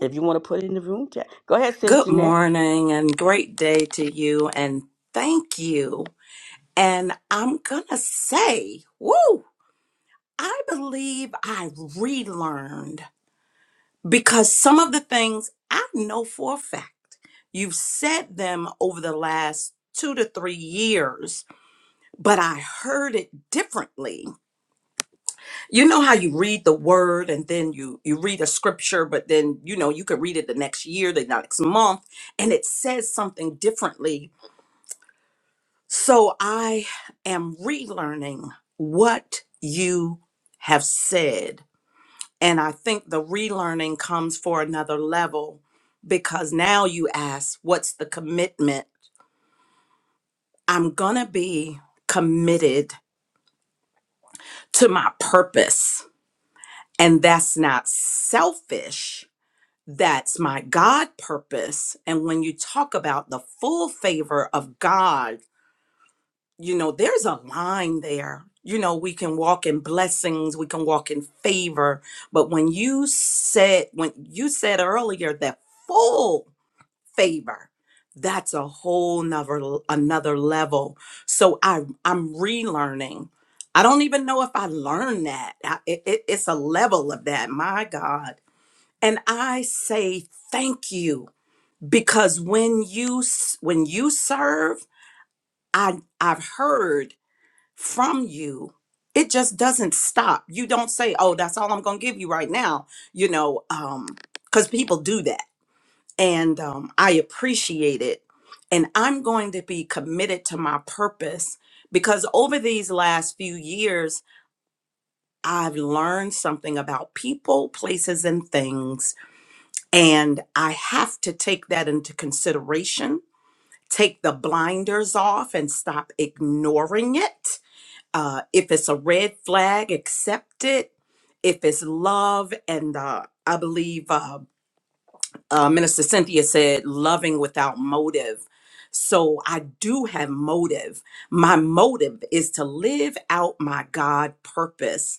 If you want to put it in the room chat, go ahead, sis Good Jeanette. morning and great day to you, and thank you And I'm going to say, woo, I believe I relearned because some of the things I know for a fact, you've said them over the last two to three years, but I heard it differently. You know how you read the word and then you, you read a scripture, but then, you know, you could read it the next year, the next month, and it says something differently So I am relearning what you have said. And I think the relearning comes for another level because now you ask, what's the commitment? I'm going to be committed to my purpose. And that's not selfish. That's my God purpose. And when you talk about the full favor of God, you know, there's a line there. You know, we can walk in blessings, we can walk in favor. But when you said, when you said earlier that full favor, that's a whole nother another level. So I I'm relearning. I don't even know if I learned that. I, it, it- it's a level of that. My God, and I say thank you because when you s- when you serve, I I've heard from you it just doesn't stop you don't say oh that's all i'm gonna give you right now you know um because people do that and um i appreciate it and i'm going to be committed to my purpose because over these last few years i've learned something about people places and things and i have to take that into consideration take the blinders off and stop ignoring it uh, if it's a red flag, accept it. If it's love, and uh, I believe uh, uh, Minister Cynthia said, loving without motive. So I do have motive. My motive is to live out my God purpose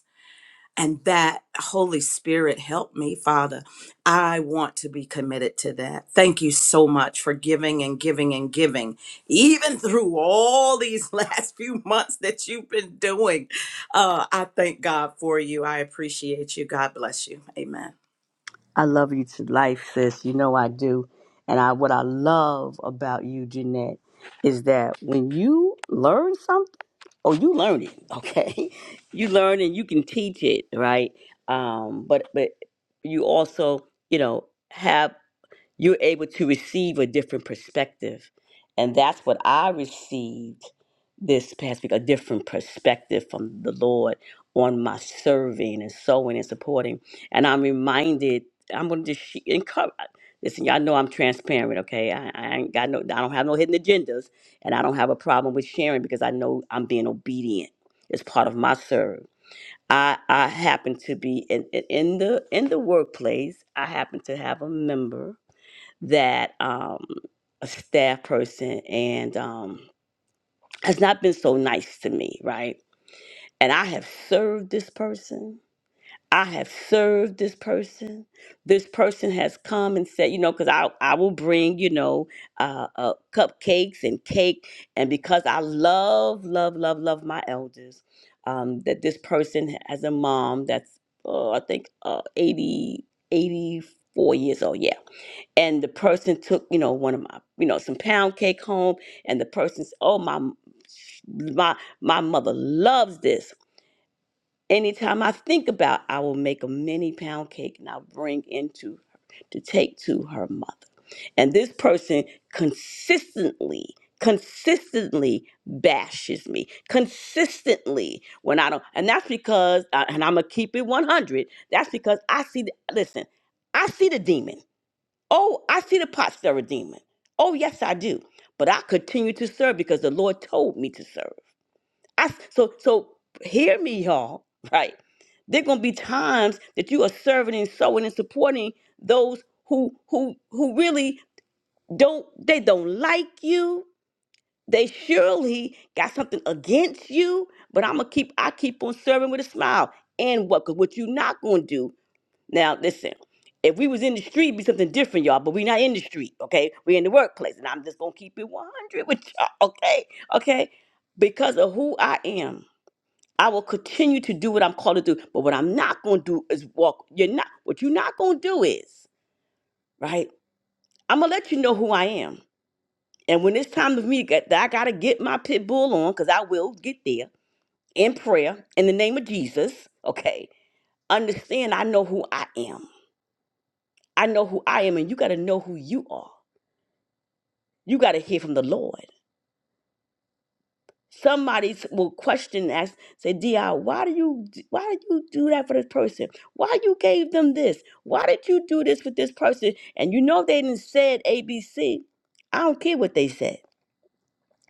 and that Holy Spirit help me, Father. I want to be committed to that. Thank you so much for giving and giving and giving, even through all these last few months that you've been doing. Uh, I thank God for you. I appreciate you. God bless you. Amen. I love you to life, sis. You know I do. And I what I love about you, Jeanette, is that when you learn something Oh, you learn it, okay? You learn and you can teach it, right? Um, but but you also, you know, have you're able to receive a different perspective. And that's what I received this past week a different perspective from the Lord on my serving and sowing and supporting. And I'm reminded, I'm going to just she- encourage. Listen, y'all know I'm transparent, okay? I, I ain't got no, I don't have no hidden agendas, and I don't have a problem with sharing because I know I'm being obedient. It's part of my serve. I I happen to be in in in the in the workplace. I happen to have a member that um, a staff person and um, has not been so nice to me, right? And I have served this person. I have served this person. This person has come and said, you know, because I, I will bring, you know, uh, uh, cupcakes and cake. And because I love, love, love, love my elders, um, that this person has a mom that's, uh, I think, uh, 80, eighty-four years old. Yeah and the person took you know one of my you know some pound cake home and the person's oh my my my mother loves this anytime i think about i will make a mini pound cake and i'll bring into her to take to her mother and this person consistently consistently bashes me consistently when i don't and that's because uh, and i'm gonna keep it 100 that's because i see the, listen i see the demon Oh, I see the pot stirrer demon. Oh, yes, I do. But I continue to serve because the Lord told me to serve. I so so hear me, y'all. Right? There gonna be times that you are serving and sowing and supporting those who who who really don't they don't like you. They surely got something against you. But I'm gonna keep I keep on serving with a smile and what? Cause what you not gonna do now, listen, if we was in the street, it'd be something different, y'all. But we not in the street, okay? We in the workplace, and I'm just gonna keep it 100 with y'all, okay? Okay? Because of who I am, I will continue to do what I'm called to do. But what I'm not gonna do is walk. You're not. What you're not gonna do is right. I'm gonna let you know who I am. And when it's time for me to get, that I gotta get my pit bull on, cause I will get there in prayer in the name of Jesus, okay? Understand, I know who I am I know who I am, and you got to know who you are. You got to hear from the Lord. Somebody s- will question ask, say, "Di, why do you d- why did you do that for this person? Why you gave them this? Why did you do this with this person?" And you know they didn't said ABC. I don't care what they said.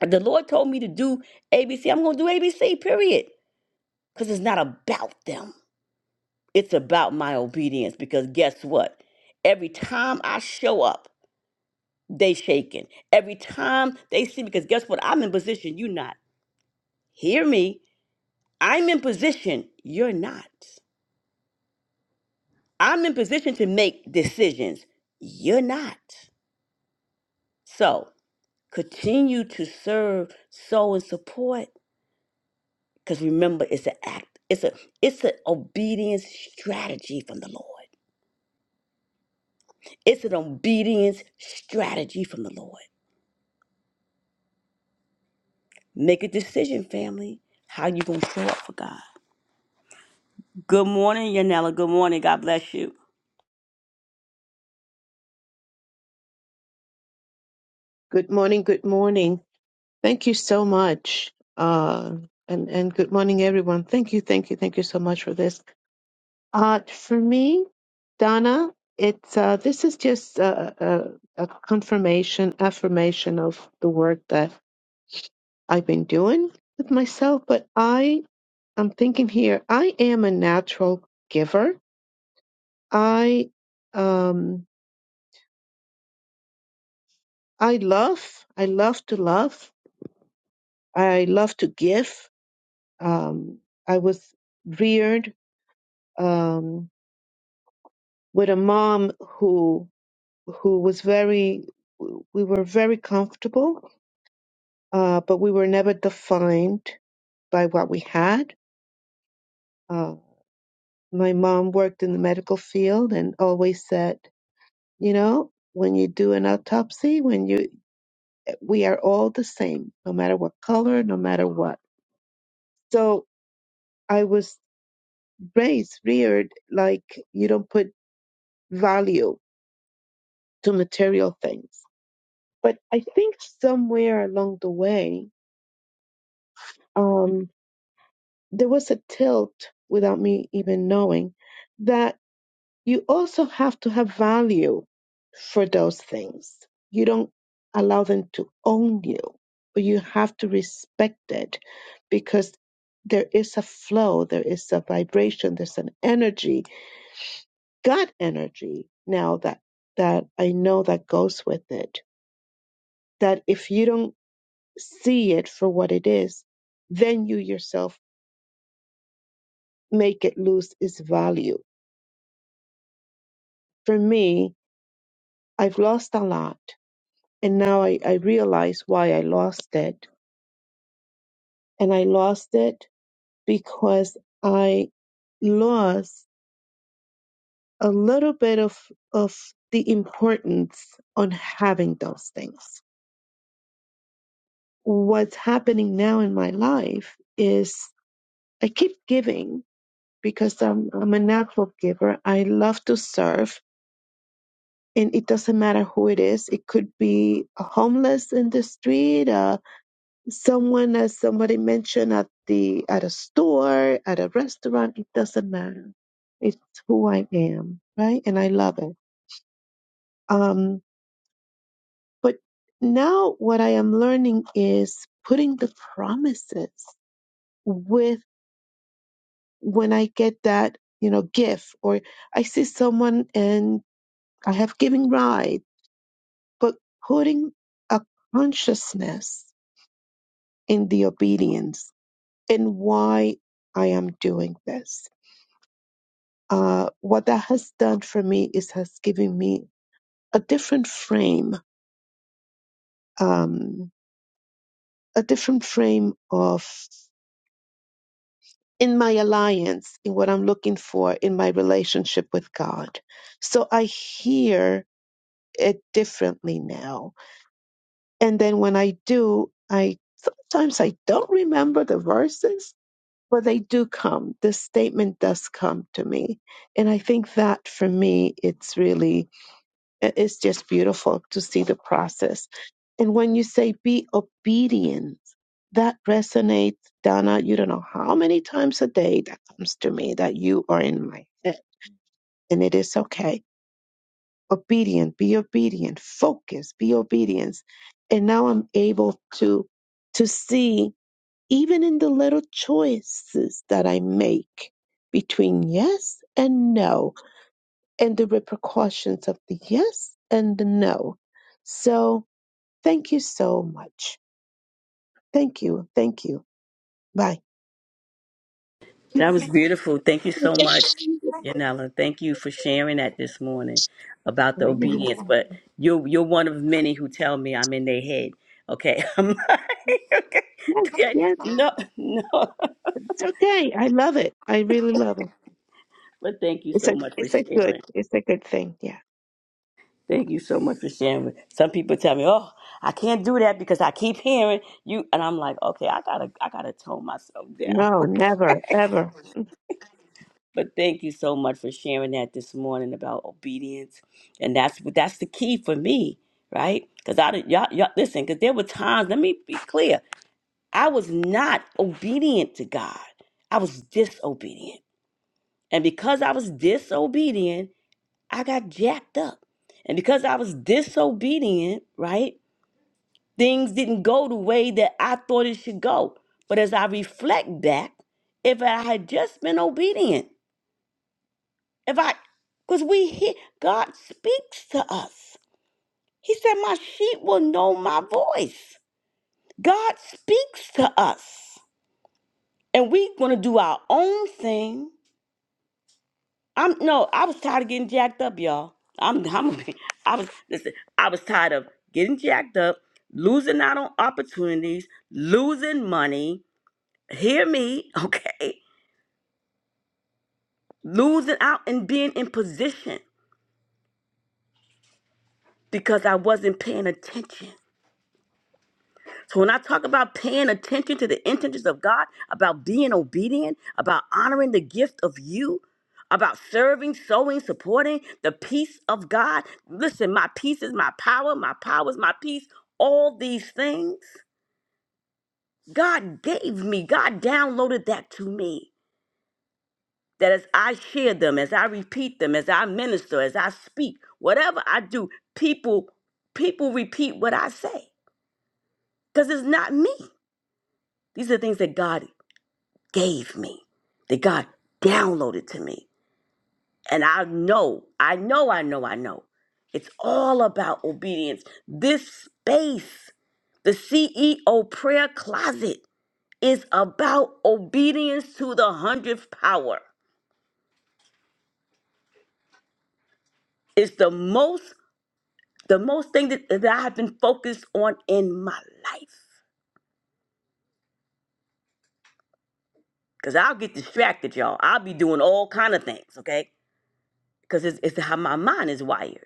If the Lord told me to do ABC, I'm gonna do ABC. Period. Because it's not about them. It's about my obedience. Because guess what? Every time I show up. they shaking every time they see me, because guess what i'm in position you not hear me i'm in position you're not i'm in position to make decisions you're not so continue to serve sow and support because remember it's an act it's a it's an obedience strategy from the lord it's an obedience strategy from the lord make a decision family how you gonna show up for god good morning yanela good morning god bless you Good morning. Good morning. Thank you so much. Uh, and, and good morning, everyone. Thank you. Thank you. Thank you so much for this. Uh, for me, Donna, it's, uh, this is just a, a, a confirmation, affirmation of the work that I've been doing with myself. But I am thinking here, I am a natural giver. I, um, I love, I love to love. I love to give. Um, I was reared um, with a mom who who was very we were very comfortable, uh, but we were never defined by what we had. Uh, my mom worked in the medical field and always said, you know, when you do an autopsy, when you we are all the same, no matter what color, no matter what. So I was raised, reared like you don't put value to material things. But I think somewhere along the way, um, there was a tilt without me even knowing that you also have to have value for those things. You don't allow them to own you, but you have to respect it because there is a flow, there is a vibration, there's an energy, God energy now that that I know that goes with it. That if you don't see it for what it is, then you yourself make it lose its value. For me, I've lost a lot, and now I, I realize why I lost it. And I lost it because I lost a little bit of, of the importance on having those things. What's happening now in my life is I keep giving because I'm, I'm a natural giver. I love to serve and it doesn't matter who it is. It could be a homeless in the street, uh, someone, as somebody mentioned, at the at a store, at a restaurant. It doesn't matter. It's who I am, right? And I love it. Um, but now what I am learning is putting the promises with when I get that, you know, gift or I see someone and I have giving ride, but putting a consciousness in the obedience and why I am doing this. Uh, what that has done for me is has given me a different frame, um, a different frame of in my alliance, in what I'm looking for in my relationship with God. So I hear it differently now. And then when I do, I sometimes I don't remember the verses, Well, they do come. This statement does come to me. And I think that for me, it's really, it's just beautiful to see the process. And when you say be obedient, that resonates, Donna. You don't know how many times a day that comes to me that you are in my head. And it is okay. Obedient, be obedient, focus, be obedient. And now I'm able to to see even in the little choices that I make between yes and no and the repercussions of the yes and the no. So thank you so much. Thank you. Thank you. Bye. You're That was beautiful. Thank you so much, Yanela. Thank you for sharing that this morning about the obedience. welcome. But you're you're one of many who tell me I'm in their head. Okay. I'm like, okay. Yes, okay. yes, No, no. it's okay. I love it. I really love it. But thank you It's so a, much for it's a good, sharing. it's a good thing. Yeah. Thank you so much for sharing. Some people tell me, "Oh, I can't do that because I keep hearing you," and I'm like, "Okay, I gotta, I gotta tone myself down." No, never, ever. But thank you so much for sharing that this morning about obedience, and that's that's the key for me, right? Because I didn't- y'all, y'all listen, because there were times. Let me be clear: I was not obedient to God. I was disobedient, and because I was disobedient, I got jacked up, and because I was disobedient, right? Things didn't go the way that I thought it should go. But as I reflect back, if I had just been obedient. If I, because we hear, God speaks to us. He said, My sheep will know my voice. God speaks to us. And we gonna do our own thing. I'm no, I was tired of getting jacked up, y'all. I'm I'm I was listen, I was tired of getting jacked up, losing out on opportunities, losing money. Hear me, okay? Losing out and being in position because I wasn't paying attention. So when I talk about paying attention to the intentions of God, about being obedient, about honoring the gift of you, about serving, sowing, supporting the peace of God. Listen, my peace is my power, my power is my peace. All these things God gave me. God downloaded that to me. That as I share them, as I repeat them, as I minister, as I speak, whatever I do, people people repeat what I say because it's not me. These are things that God gave me, that God downloaded to me. And I know, I know, I know, I know. It's all about obedience. This space, the CEO prayer closet, is about obedience to the hundredth power. It's the most, the most thing that, that I've been focused on in my life. Cause I'll get distracted, y'all. I'll be doing all kind of things, okay? Because it's, it's how my mind is wired.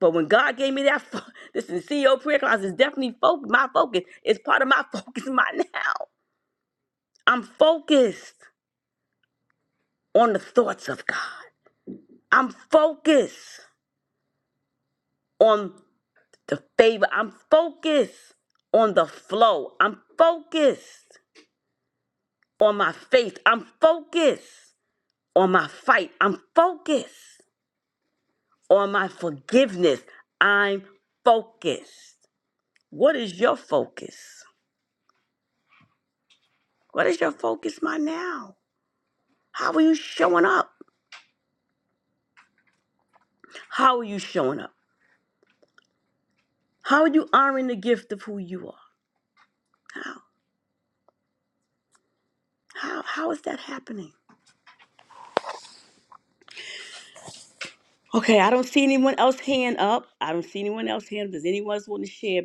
But when God gave me that, fo- this CEO prayer class is definitely fo- my focus. It's part of my focus my now. I'm focused on the thoughts of God. I'm focused on the favor. I'm focused on the flow. I'm focused on my faith. I'm focused on my fight. I'm focused on my forgiveness. I'm focused. What is your focus? What is your focus my now? How are you showing up? How are you showing up? How are you honoring the gift of who you are? How? How how is that happening? Okay, I don't see anyone else hand up. I don't see anyone else hand up. Does anyone else want to share?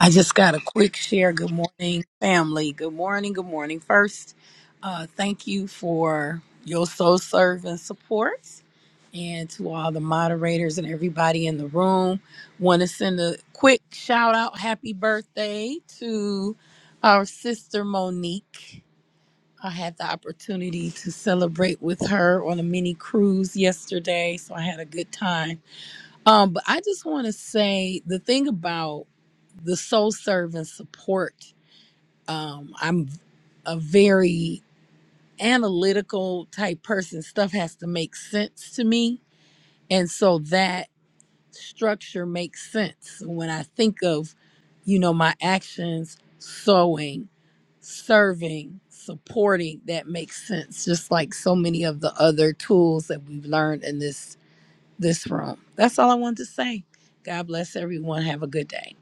I just got a quick share. Good morning, family. Good morning. Good morning. First, uh, thank you for your soul serve and support, and to all the moderators and everybody in the room. Want to send a quick shout out, happy birthday to our sister Monique. I had the opportunity to celebrate with her on a mini cruise yesterday, so I had a good time um, but I just want to say the thing about the soul servant support. Um, I'm a very analytical type person. Stuff has to make sense to me, and so that structure makes sense when I think of, you know, my actions, sewing, serving, supporting. That makes sense. Just like so many of the other tools that we've learned in this this room. That's all I wanted to say. God bless everyone. Have a good day.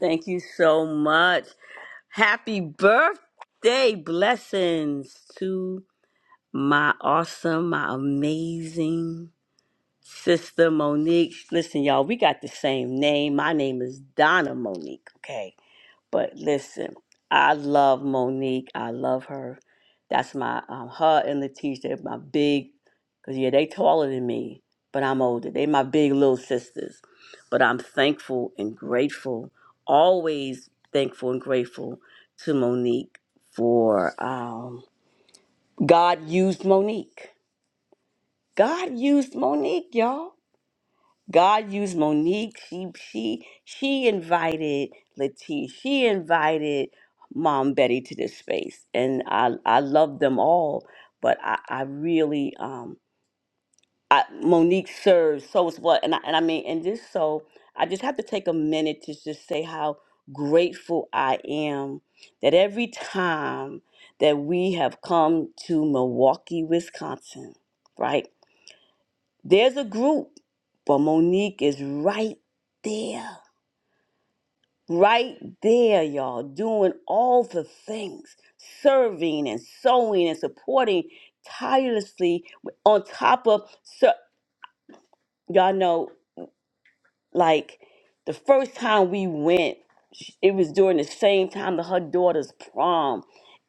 Thank you so much. Happy birthday blessings to my awesome, my amazing sister Monique. Listen, y'all, we got the same name. My name is Donna Monique. Okay. But listen, I love Monique. I love her. That's my um, her and Letitia. They're my big, cause yeah, they taller than me, but I'm older. They my big little sisters. But I'm thankful and grateful, always thankful and grateful to Monique for um, God used Monique. God used Monique, y'all. God used Monique. She she she invited Latif. She invited Mom Betty to this space, and I I love them all. But I I really um I Monique serves so is what, and I, and I mean and just so I just have to take a minute to just say how grateful I am that every time that we have come to Milwaukee, Wisconsin, right? There's a group, but Monique is right there, right there, y'all, doing all the things, serving and sewing and supporting tirelessly on top of, so, y'all know, like the first time we went, sh- it was during the same time that her daughter's prom.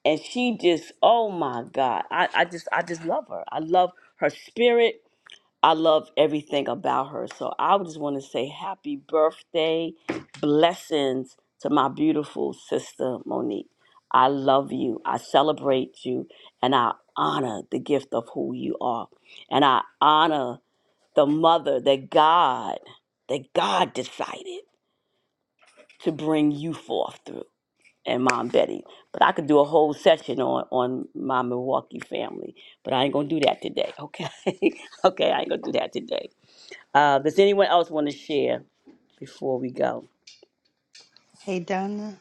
And she just, oh my God, I, I just, I just love her. I love her spirit. I love everything about her. So I would just want to say happy birthday, blessings to my beautiful sister Monique. I love you. I celebrate you and I honor the gift of who you are. And I honor the mother that God that God decided to bring you forth through and Mom Betty. But I could do a whole session on on my Milwaukee family, but I ain't going to do that today, okay? okay, I ain't going to do that today. Uh, does anyone else want to share before we go? Hey, Donna.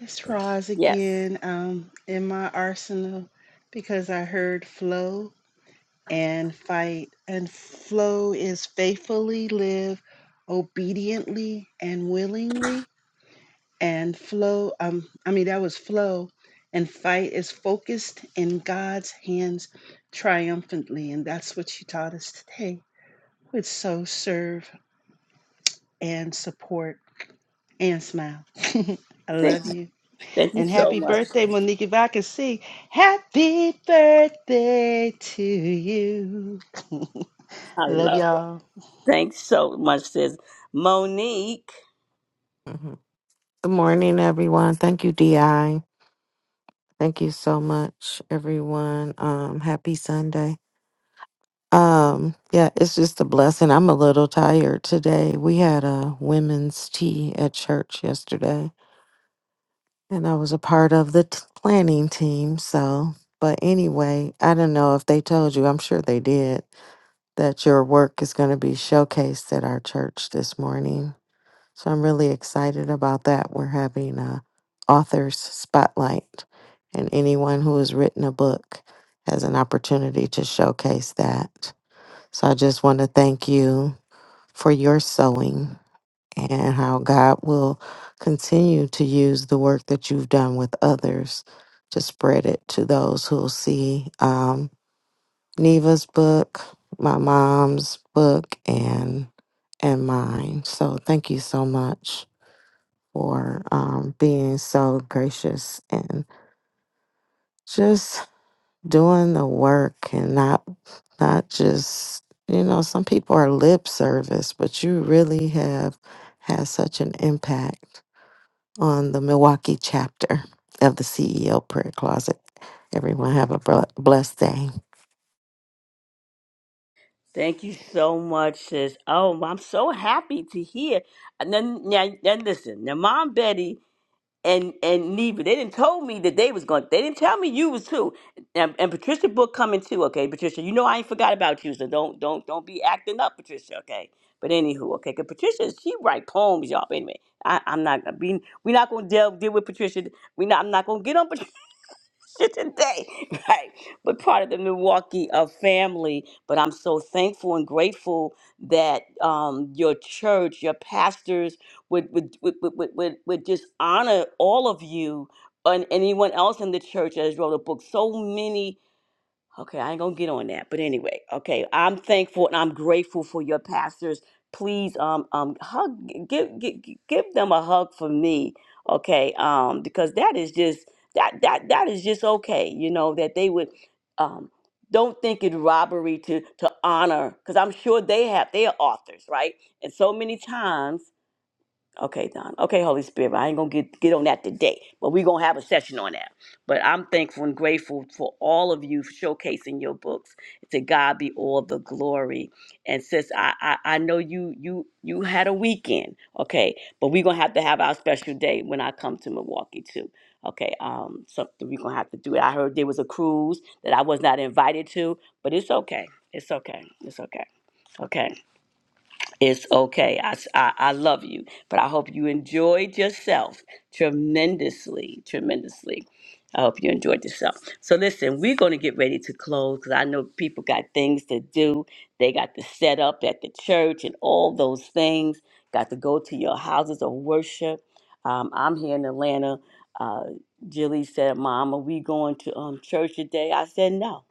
It's Roz Yes. again um, in my arsenal because I heard flow and fight. And flow is faithfully live obediently and willingly and flow um i mean that was flow and fight is focused in god's hands triumphantly and that's what she taught us today with so serve and support and smile i Thank love you, you thank you and so happy much. birthday monique if i can see happy birthday to you I I love love it. y'all Thanks so much, sis. Monique, Mhm. Good morning, everyone. Thank you, Di. Thank you so much, everyone. Um, happy Sunday. Um, yeah, it's just a blessing. I'm a little tired today. We had a women's tea at church yesterday, and I was a part of the t- planning team. So, but anyway, I don't know if they told you. I'm sure they did that your work is going to be showcased at our church this morning. So I'm really excited about that. We're having a author's spotlight, and anyone who has written a book has an opportunity to showcase that. So I just want to thank you for your sewing and how God will continue to use the work that you've done with others to spread it to those who'll see um, Neva's book, my mom's book, and and mine. So thank you so much for um, being so gracious and just doing the work and not not just you know some people are lip service but you really have had such an impact on the milwaukee chapter of the ceo prayer closet everyone have a bl- blessed day thank you so much, sis. Oh, I'm so happy to hear. And then, now, then listen, now, Mom Betty and and Neva, they didn't told me that they was going. They didn't tell me you was too. And, and Patricia Book coming too. Okay, Patricia, you know I ain't forgot about you, so don't don't don't be acting up, Patricia. Okay, but anywho, okay, cause Patricia she write poems, y'all. But anyway, I, I'm not being. We're not gonna deal deal with Patricia. We not. I'm not gonna get on today, right? But part of the Milwaukee uh, family. But I'm so thankful and grateful that um, your church, your pastors would would, would, would, would would would just honor all of you and anyone else in the church that has wrote a book. So many Okay, I ain't gonna get on that, but anyway, okay, I'm thankful and I'm grateful for your pastors. Please, um, um, hug, give, give, give them a hug for me, okay? Um, because that is just that that that is just okay, you know, that they would, um, don't think it robbery to to honor, because I'm sure they have they are authors, right? And so many times Okay, Don. Okay, Holy Spirit. I ain't gonna get get on that today, but we gonna have a session on that. But I'm thankful and grateful for all of you for showcasing your books. To God be all the glory. And sis, I I, I know you you you had a weekend, okay, but we gonna have to have our special day when I come to Milwaukee too. Okay, um, something we gonna have to do. it. I heard there was a cruise that I was not invited to, but it's okay. It's okay. It's okay. Okay. It's okay. I, s- I- I love you, but I hope you enjoyed yourself tremendously, tremendously. I hope you enjoyed yourself. So, listen, we're going to get ready to close because I know people got things to do. They got to set up at the church and all those things, got to go to your houses of worship. Um, I'm here in Atlanta. Uh, Jilly said, Mom, are we going to um, church today? I said, No.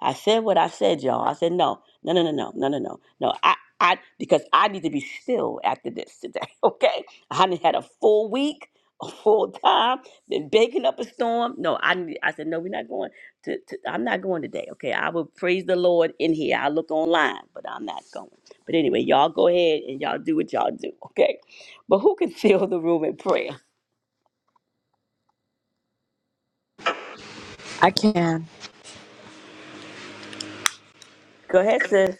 I said what I said, y'all. I said, No, no, no, no, no, no, no, no. No, I because I need to be still after this today. Okay, I done had a full week, a full time, been baking up a storm. No, I need- I said no. We're not going to, to. I'm not going today. Okay, I will praise the Lord in here. I look online, but I'm not going. But anyway, y'all go ahead and y'all do what y'all do. Okay, but who can fill the room in prayer? I can. Go ahead, sis.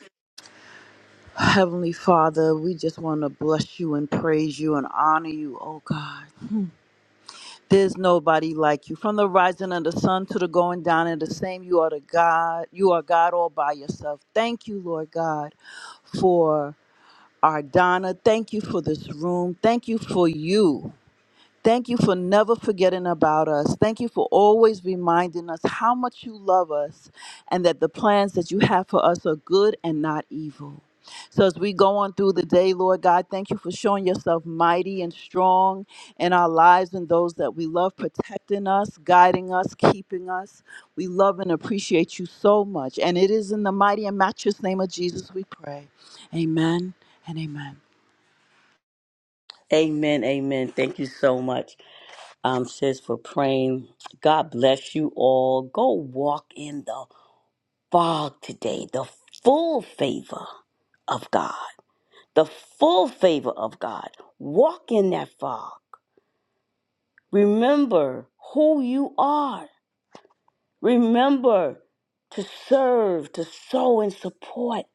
Heavenly Father, we just want to bless you and praise you and honor you, oh God. There's nobody like you. From the rising of the sun to the going down of the same, you are the God. You are God all by yourself. Thank you, Lord God, for our Donna. Thank you for this room. Thank you for you. Thank you for never forgetting about us. Thank you for always reminding us how much you love us and that the plans that you have for us are good and not evil. So, as we go on through the day, Lord God, thank you for showing yourself mighty and strong in our lives and those that we love, protecting us, guiding us, keeping us. We love and appreciate you so much. And it is in the mighty and matchless name of Jesus we pray. Amen and amen. Amen. Amen. Thank you so much, um, sis, for praying. God bless you all. Go walk in the fog today, the full favor of God, the full favor of God. Walk in that fog. Remember who you are. Remember to serve, to sow and support,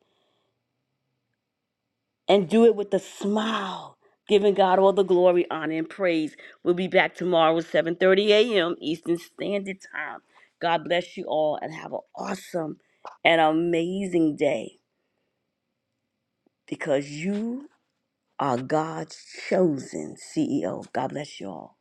and do it with a smile. Giving God all the glory, honor, and praise. We'll be back tomorrow at 7:30 a.m. Eastern Standard Time. God bless you all and have an awesome and amazing day because you are God's chosen CEO. God bless you all.